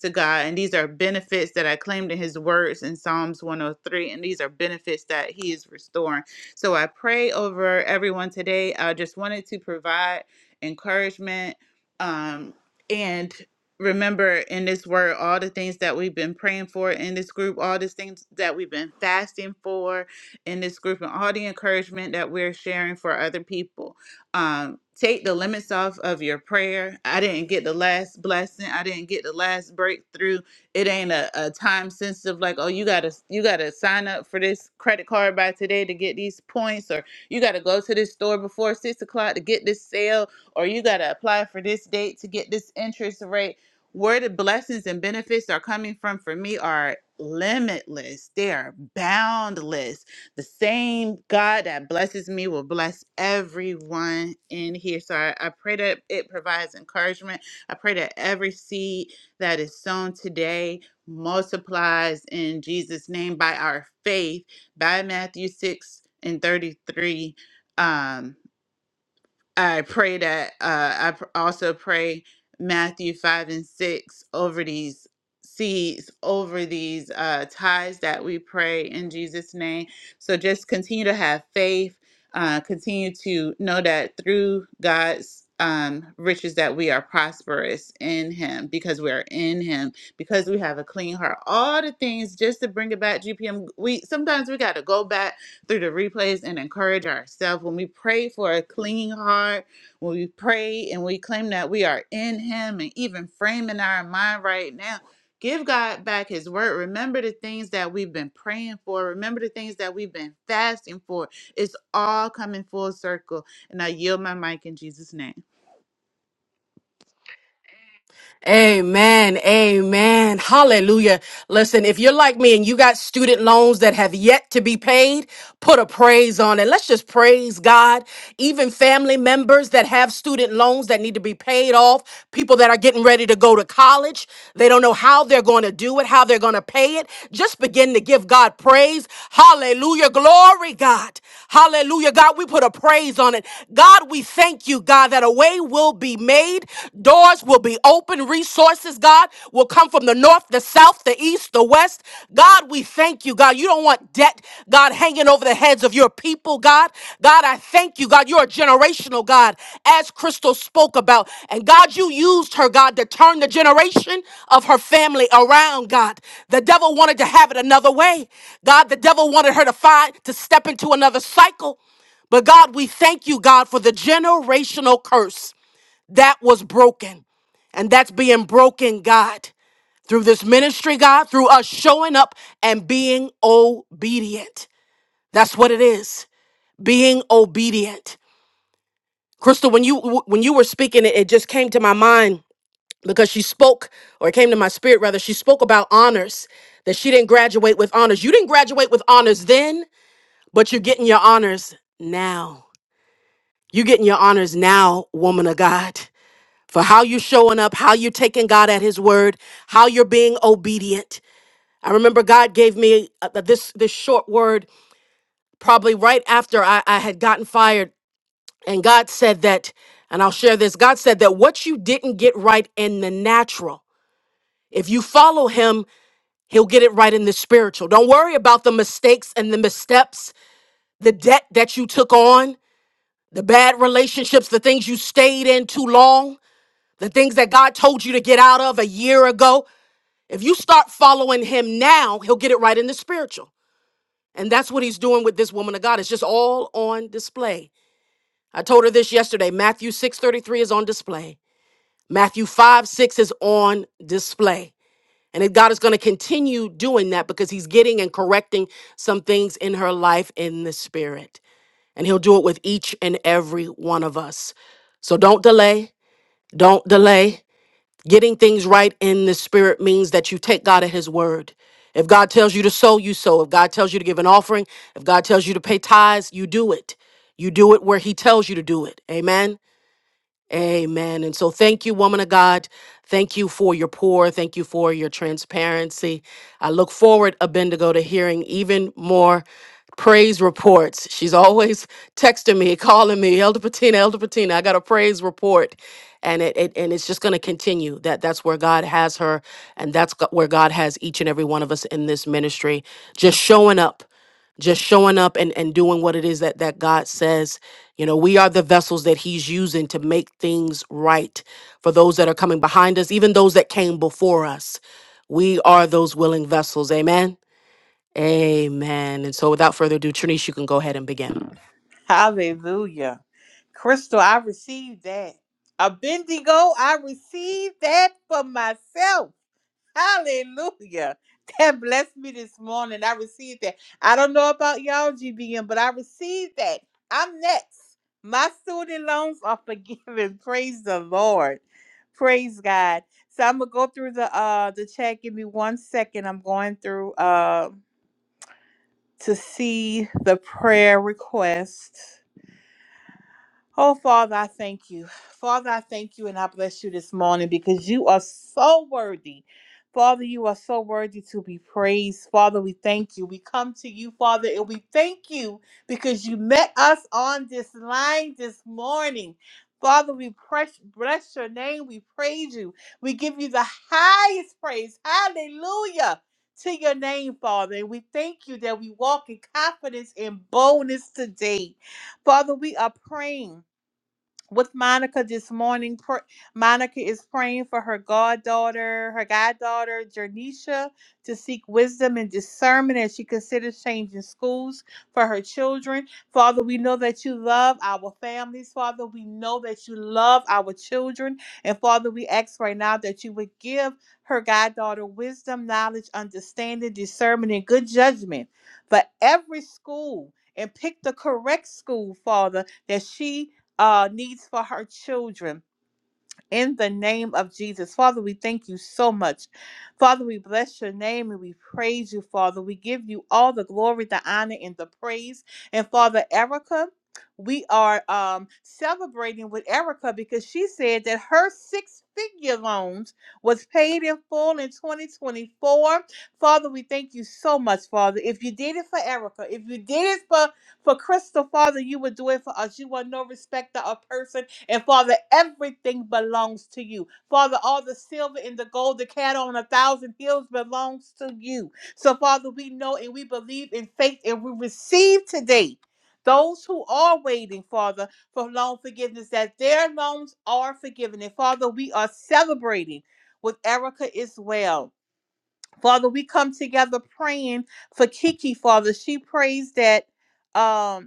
[SPEAKER 5] to God. And these are benefits that I claimed in his words in Psalms 103. And these are benefits that he is restoring. So I pray over everyone today. I just wanted to provide encouragement. Um, and remember in this word all the things that we've been praying for in this group, all these things that we've been fasting for in this group, and all the encouragement that we're sharing for other people. Um, take the limits off of your prayer. I didn't get the last blessing. I didn't get the last breakthrough. It ain't a, a time sensitive like, oh, you gotta you gotta sign up for this credit card by today to get these points, or you gotta go to this store before six o'clock to get this sale, or you gotta apply for this date to get this interest rate. Where the blessings and benefits are coming from for me are limitless. They are boundless the same God that blesses me will bless everyone in here. So I, I pray that it provides encouragement. I pray that every seed that is sown today multiplies in Jesus' name by our faith, by Matthew 6 and 33. Um, I pray that uh, I pr- also pray Matthew 5 and 6 over these seeds, over these uh, ties that we pray in Jesus' name. So just continue to have faith, uh, continue to know that through God's um, riches that we are prosperous in him because we are in him because we have a clean heart all the things just to bring it back gpm we sometimes we got to go back through the replays and encourage ourselves. When we pray for a clean heart, when we pray and we claim that we are in Him and even framing our mind right now, give God back His word. Remember the things that we've been praying for, remember the things that we've been fasting for. It's all coming full circle. And I yield my mic in Jesus' name.
[SPEAKER 2] Amen. Amen. Hallelujah. Listen, if you're like me and you got student loans that have yet to be paid, put a praise on it. Let's just praise God. Even family members that have student loans that need to be paid off, people that are getting ready to go to college, they don't know how they're going to do it, how they're going to pay it. Just begin to give God praise. Hallelujah. Glory, God. Hallelujah. God, we put a praise on it. God, we thank you, God, that a way will be made. Doors will be open. Resources, God, will come from the north, the south, the east, the west. God, we thank you, God. You don't want debt, God, hanging over the heads of your people, God. God, I thank you, God. You're a generational God, as Crystal spoke about. And God, you used her, God, to turn the generation of her family around, God. The devil wanted to have it another way. God, the devil wanted her to find, to step into another cycle. But God, we thank you, God, for the generational curse. That was broken. And that's being broken, God, through this ministry, God, through us showing up and being obedient. That's what it is. Being obedient. Crystal, when you when you were speaking, it, it just came to my mind because she spoke, or it came to my spirit rather, she spoke about honors, that she didn't graduate with honors. You didn't graduate with honors then, but you're getting your honors now. You're getting your honors now, woman of God. for how you're showing up, how you're taking God at His word, how you're being obedient. I remember God gave me uh, this this short word probably right after I, I had gotten fired, and God said that, and I'll share this. God said that what you didn't get right in the natural, if you follow Him, He'll get it right in the spiritual. Don't worry about the mistakes and the missteps, the debt that you took on, the bad relationships, the things you stayed in too long the things that God told you to get out of a year ago. If you start following him now, he'll get it right in the spiritual. And that's what he's doing with this woman of God. It's just all on display. I told her this yesterday. Matthew 6:33 is on display. Matthew 5, 6 is on display. And that God is going to continue doing that because he's getting and correcting some things in her life in the spirit. And he'll do it with each and every one of us. So don't delay. Don't delay. Getting things right in the spirit means that you take God at His word. If God tells you to sow, you sow. If God tells you to give an offering, if God tells you to pay tithes, you do it. You do it where He tells you to do it. Amen. Amen. And so thank you, woman of God. Thank you for your pour. Thank you for your transparency. I look forward, Abendigo, to hearing even more praise reports. She's always texting me, calling me, Elder Patina, Elder Patina, I got a praise report. And it, it and it's just going to continue. That that's where God has her, and that's go- where God has each and every one of us in this ministry, just showing up, just showing up and, and doing what it is that that God says. You know, we are the vessels that he's using to make things right for those that are coming behind us, even those that came before us. We are those willing vessels. Amen. Amen. And so, without further ado, Trinice, you can go ahead and begin.
[SPEAKER 1] Hallelujah. Crystal, I received that. A Bendigo, I received that for myself. Hallelujah. That blessed me this morning. I received that. I don't know about y'all, GBM, but I received that. I'm next. My student loans are forgiven. Praise the Lord. Praise God. So I'm gonna go through the uh the chat. Give me one second. I'm going through uh to see the prayer request. Oh, Father, I thank you. Father, I thank you and I bless you this morning because you are so worthy. Father, you are so worthy to be praised. Father, we thank you. We come to you, Father, and we thank you because you met us on this line this morning. Father, we press, bless your name. We praise you. We give you the highest praise. Hallelujah to your name, Father. And we thank you that we walk in confidence and boldness today. Father, we are praying with Monica this morning. Pr- Monica is praying for her goddaughter, her goddaughter Jernisha, to seek wisdom and discernment as she considers changing schools for her children. Father, we know that you love our families. Father, we know that you love our children. And Father, we ask right now that you would give her goddaughter wisdom, knowledge, understanding, discernment, and good judgment for every school. And pick the correct school, Father, that she uh, needs for her children in the name of Jesus. Father, we thank you so much. Father, we bless your name and we praise you, Father. We give you all the glory, the honor, and the praise. And Father, Erica, we are um, celebrating with Erica because she said that her six figure loans was paid in full in 2024. Father, we thank you so much, Father. If you did it for Erica, if you did it for, for Crystal, Father, you would do it for us. You are no respecter of person and Father, everything belongs to you. Father, all the silver and the gold, the cattle on a thousand hills belongs to you. So, Father, we know and we believe in faith and we receive today those who are waiting, Father, for loan forgiveness, that their loans are forgiven. And Father, we are celebrating with Erica as well. Father, we come together praying for Kiki, Father. She prays that. Um,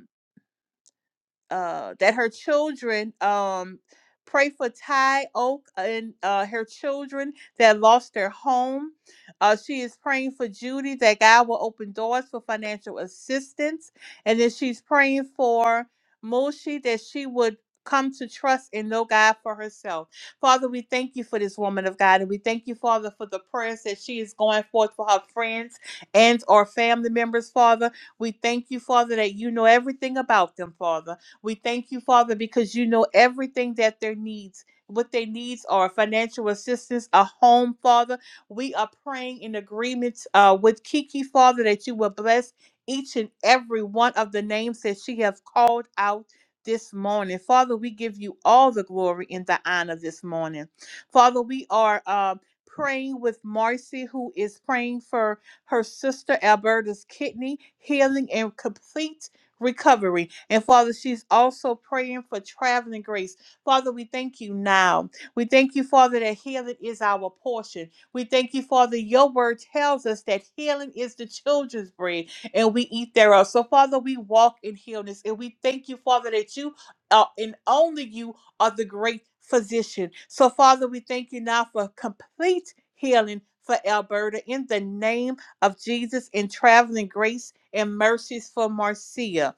[SPEAKER 1] uh, that her children um, pray for Ty Oak and uh, her children that lost their home. Uh, she is praying for Judy that God will open doors for financial assistance, and then she's praying for Moshi that she would come to trust and know God for herself. Father, we thank you for this woman of God, and we thank you, Father, for the prayers that she is going forth for her friends and or family members, Father. We thank you, Father, that you know everything about them, Father. We thank you, Father, because you know everything that their needs, what their needs are financial assistance, a home, Father. We are praying in agreement uh, with Kiki, Father, that you will bless each and every one of the names that she have called out this morning. Father, we give you all the glory and the honor this morning. Father, we are uh, praying with Marcy, who is praying for her sister Alberta's kidney healing and complete recovery. And Father, she's also praying for traveling grace. Father, we thank you now. We thank you, Father, that healing is our portion. We thank you, Father, your word tells us that healing is the children's bread and we eat thereof. So, Father, we walk in healness and we thank you, Father, that you are and only you are the great physician. So, Father, we thank you now for complete healing. For Alberta, in the name of Jesus in traveling grace and mercies for Marcia.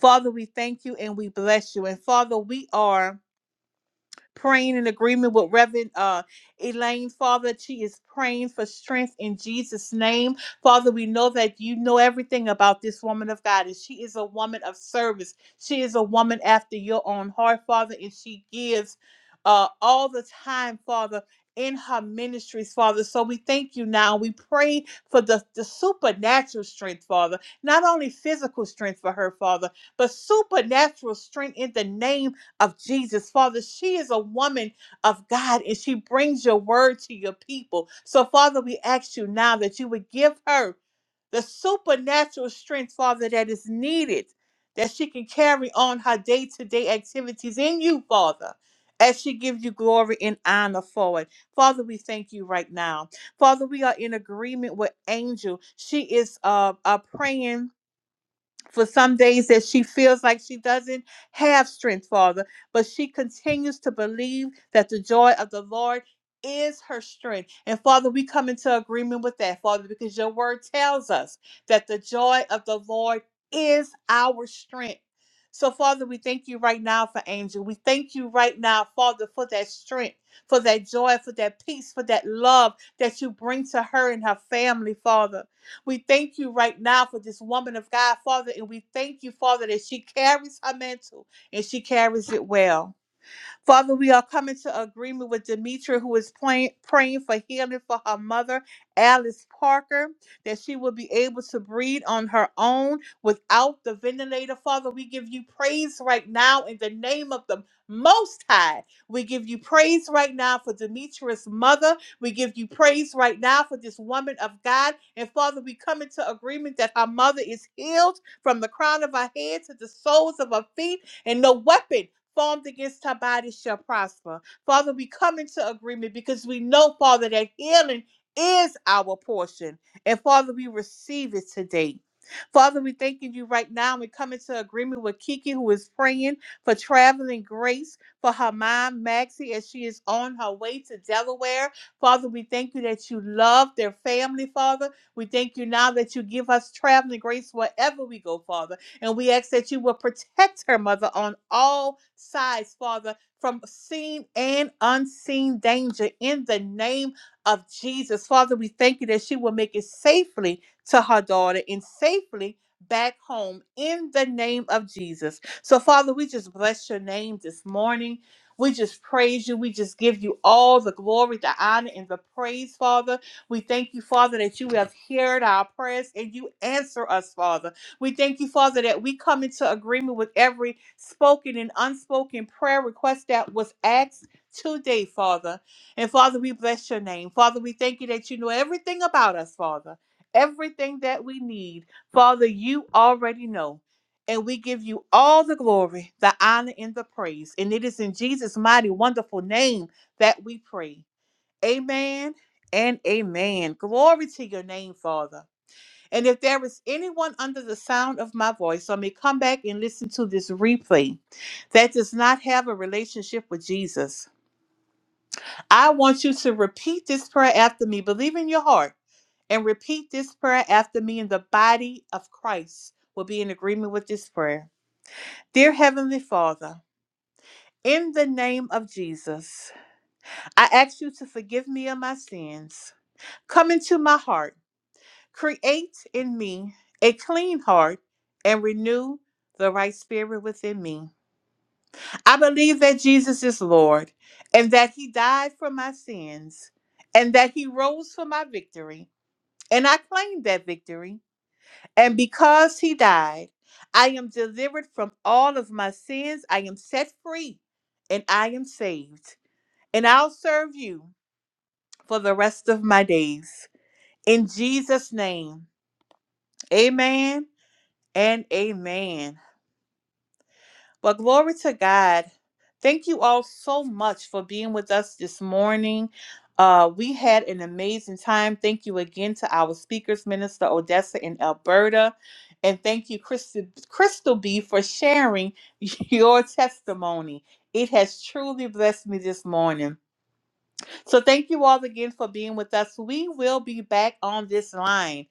[SPEAKER 1] Father, we thank you and we bless you. And Father, we are praying in agreement with Reverend uh, Elaine, Father. She is praying for strength in Jesus' name. Father, we know that you know everything about this woman of God, and she is a woman of service. She is a woman after your own heart, Father, and she gives uh, all the time, Father. In her ministries, Father. So we thank you now. We pray for the, the supernatural strength, Father. Not only physical strength for her, Father, but supernatural strength in the name, of Jesus. Father, she is a woman of God and she brings your word to your people. So, Father, we ask you now that you would give her the supernatural strength, Father, that is needed, that she can carry on her day to day activities in you, Father. As she gives you glory and honor for it. Father, we thank you right now. Father, we are in agreement with Angel. She is uh, uh praying for some days that she feels like she doesn't have strength, Father, but she continues to believe that the joy of the Lord is her strength. And Father, we come into agreement with that, Father, because your word tells us that the joy of the Lord is our strength. So, Father, we thank you right now for Angel. We thank you right now, Father, for that strength, for that joy, for that peace, for that love that you bring to her and her family, Father. We thank you right now for this woman of God, Father, and we thank you, Father, that she carries her mantle and she carries it well. Father, we are coming to agreement with Demetra, who is praying, praying for healing for her mother, Alice Parker, that she will be able to breathe on her own without the ventilator. Father, we give you praise right now in the name of the Most High. We give you praise right now for Demetra's mother. We give you praise right now for this woman of God. And Father, we come into agreement that her mother is healed from the crown of her head to the soles of her feet, and no weapon formed against her body shall prosper. Father, we come into agreement because we know, Father, that healing is our portion. And Father, we receive it today. Father, we thanking you right now. We come into agreement with Kiki, who is praying for traveling grace for her mom, Maxie, as she is on her way to Delaware. Father, we thank you that you love their family, Father. We thank you now that you give us traveling grace wherever we go, Father. And we ask that you will protect her, Mother, on all sides, Father, from seen and unseen danger in the name of Jesus. Father, we thank you that she will make it safely to her daughter and safely back home in the name of Jesus. So, Father, we just bless your name this morning. We just praise you. We just give you all the glory, the honor, and the praise, Father. We thank you, Father, that you have heard our prayers and you answer us, Father. We thank you, Father, that we come into agreement with every spoken and unspoken prayer request that was asked today, Father. And Father, we bless your name. Father, we thank you that you know everything about us, Father. Everything that we need, Father, you already know. And we give you all the glory, the honor, and the praise. And it is in Jesus' mighty, wonderful name that we pray. Amen and amen. Glory to your name, Father. And if there is anyone under the sound of my voice, or may come back and listen to this replay that does not have a relationship with Jesus, I want you to repeat this prayer after me. Believe in your heart and repeat this prayer after me, and the body of Christ will be in agreement with this prayer. Dear Heavenly Father, in the name of Jesus, I ask you to forgive me of my sins. Come into my heart Create in me a clean heart and renew the right spirit within me. I believe that Jesus is Lord and that he died for my sins and that he rose for my victory. And I claim that victory. And because he died, I am delivered from all of my sins. I am set free and I am saved. And I'll serve you for the rest of my days. In Jesus' name, amen and amen. But glory to God. Thank you all so much for being with us this morning. Uh, we had an amazing time. Thank you again to our speakers, Minister Odessa in Alberta. And thank you, Crystal, Crystal B, for sharing your testimony. It has truly blessed me this morning. So, thank you all again for being with us. We will be back on this line.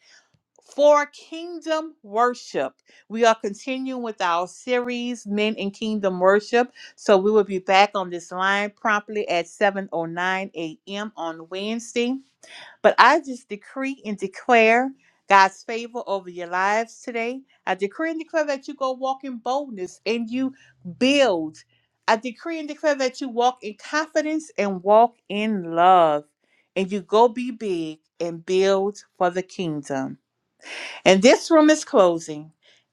[SPEAKER 1] For kingdom worship, we are continuing with our series, Men in Kingdom Worship. So we will be back on this line promptly at 7.09 a.m. on Wednesday. But I just decree and declare God's favor over your lives today. I decree and declare that you go walk in boldness and you build. I decree and declare that you walk in confidence and walk in love. And you go be big and build for the kingdom. And this room is closing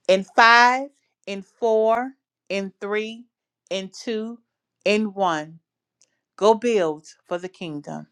[SPEAKER 1] in five, in four, in three, in two, in one. Go build for the kingdom.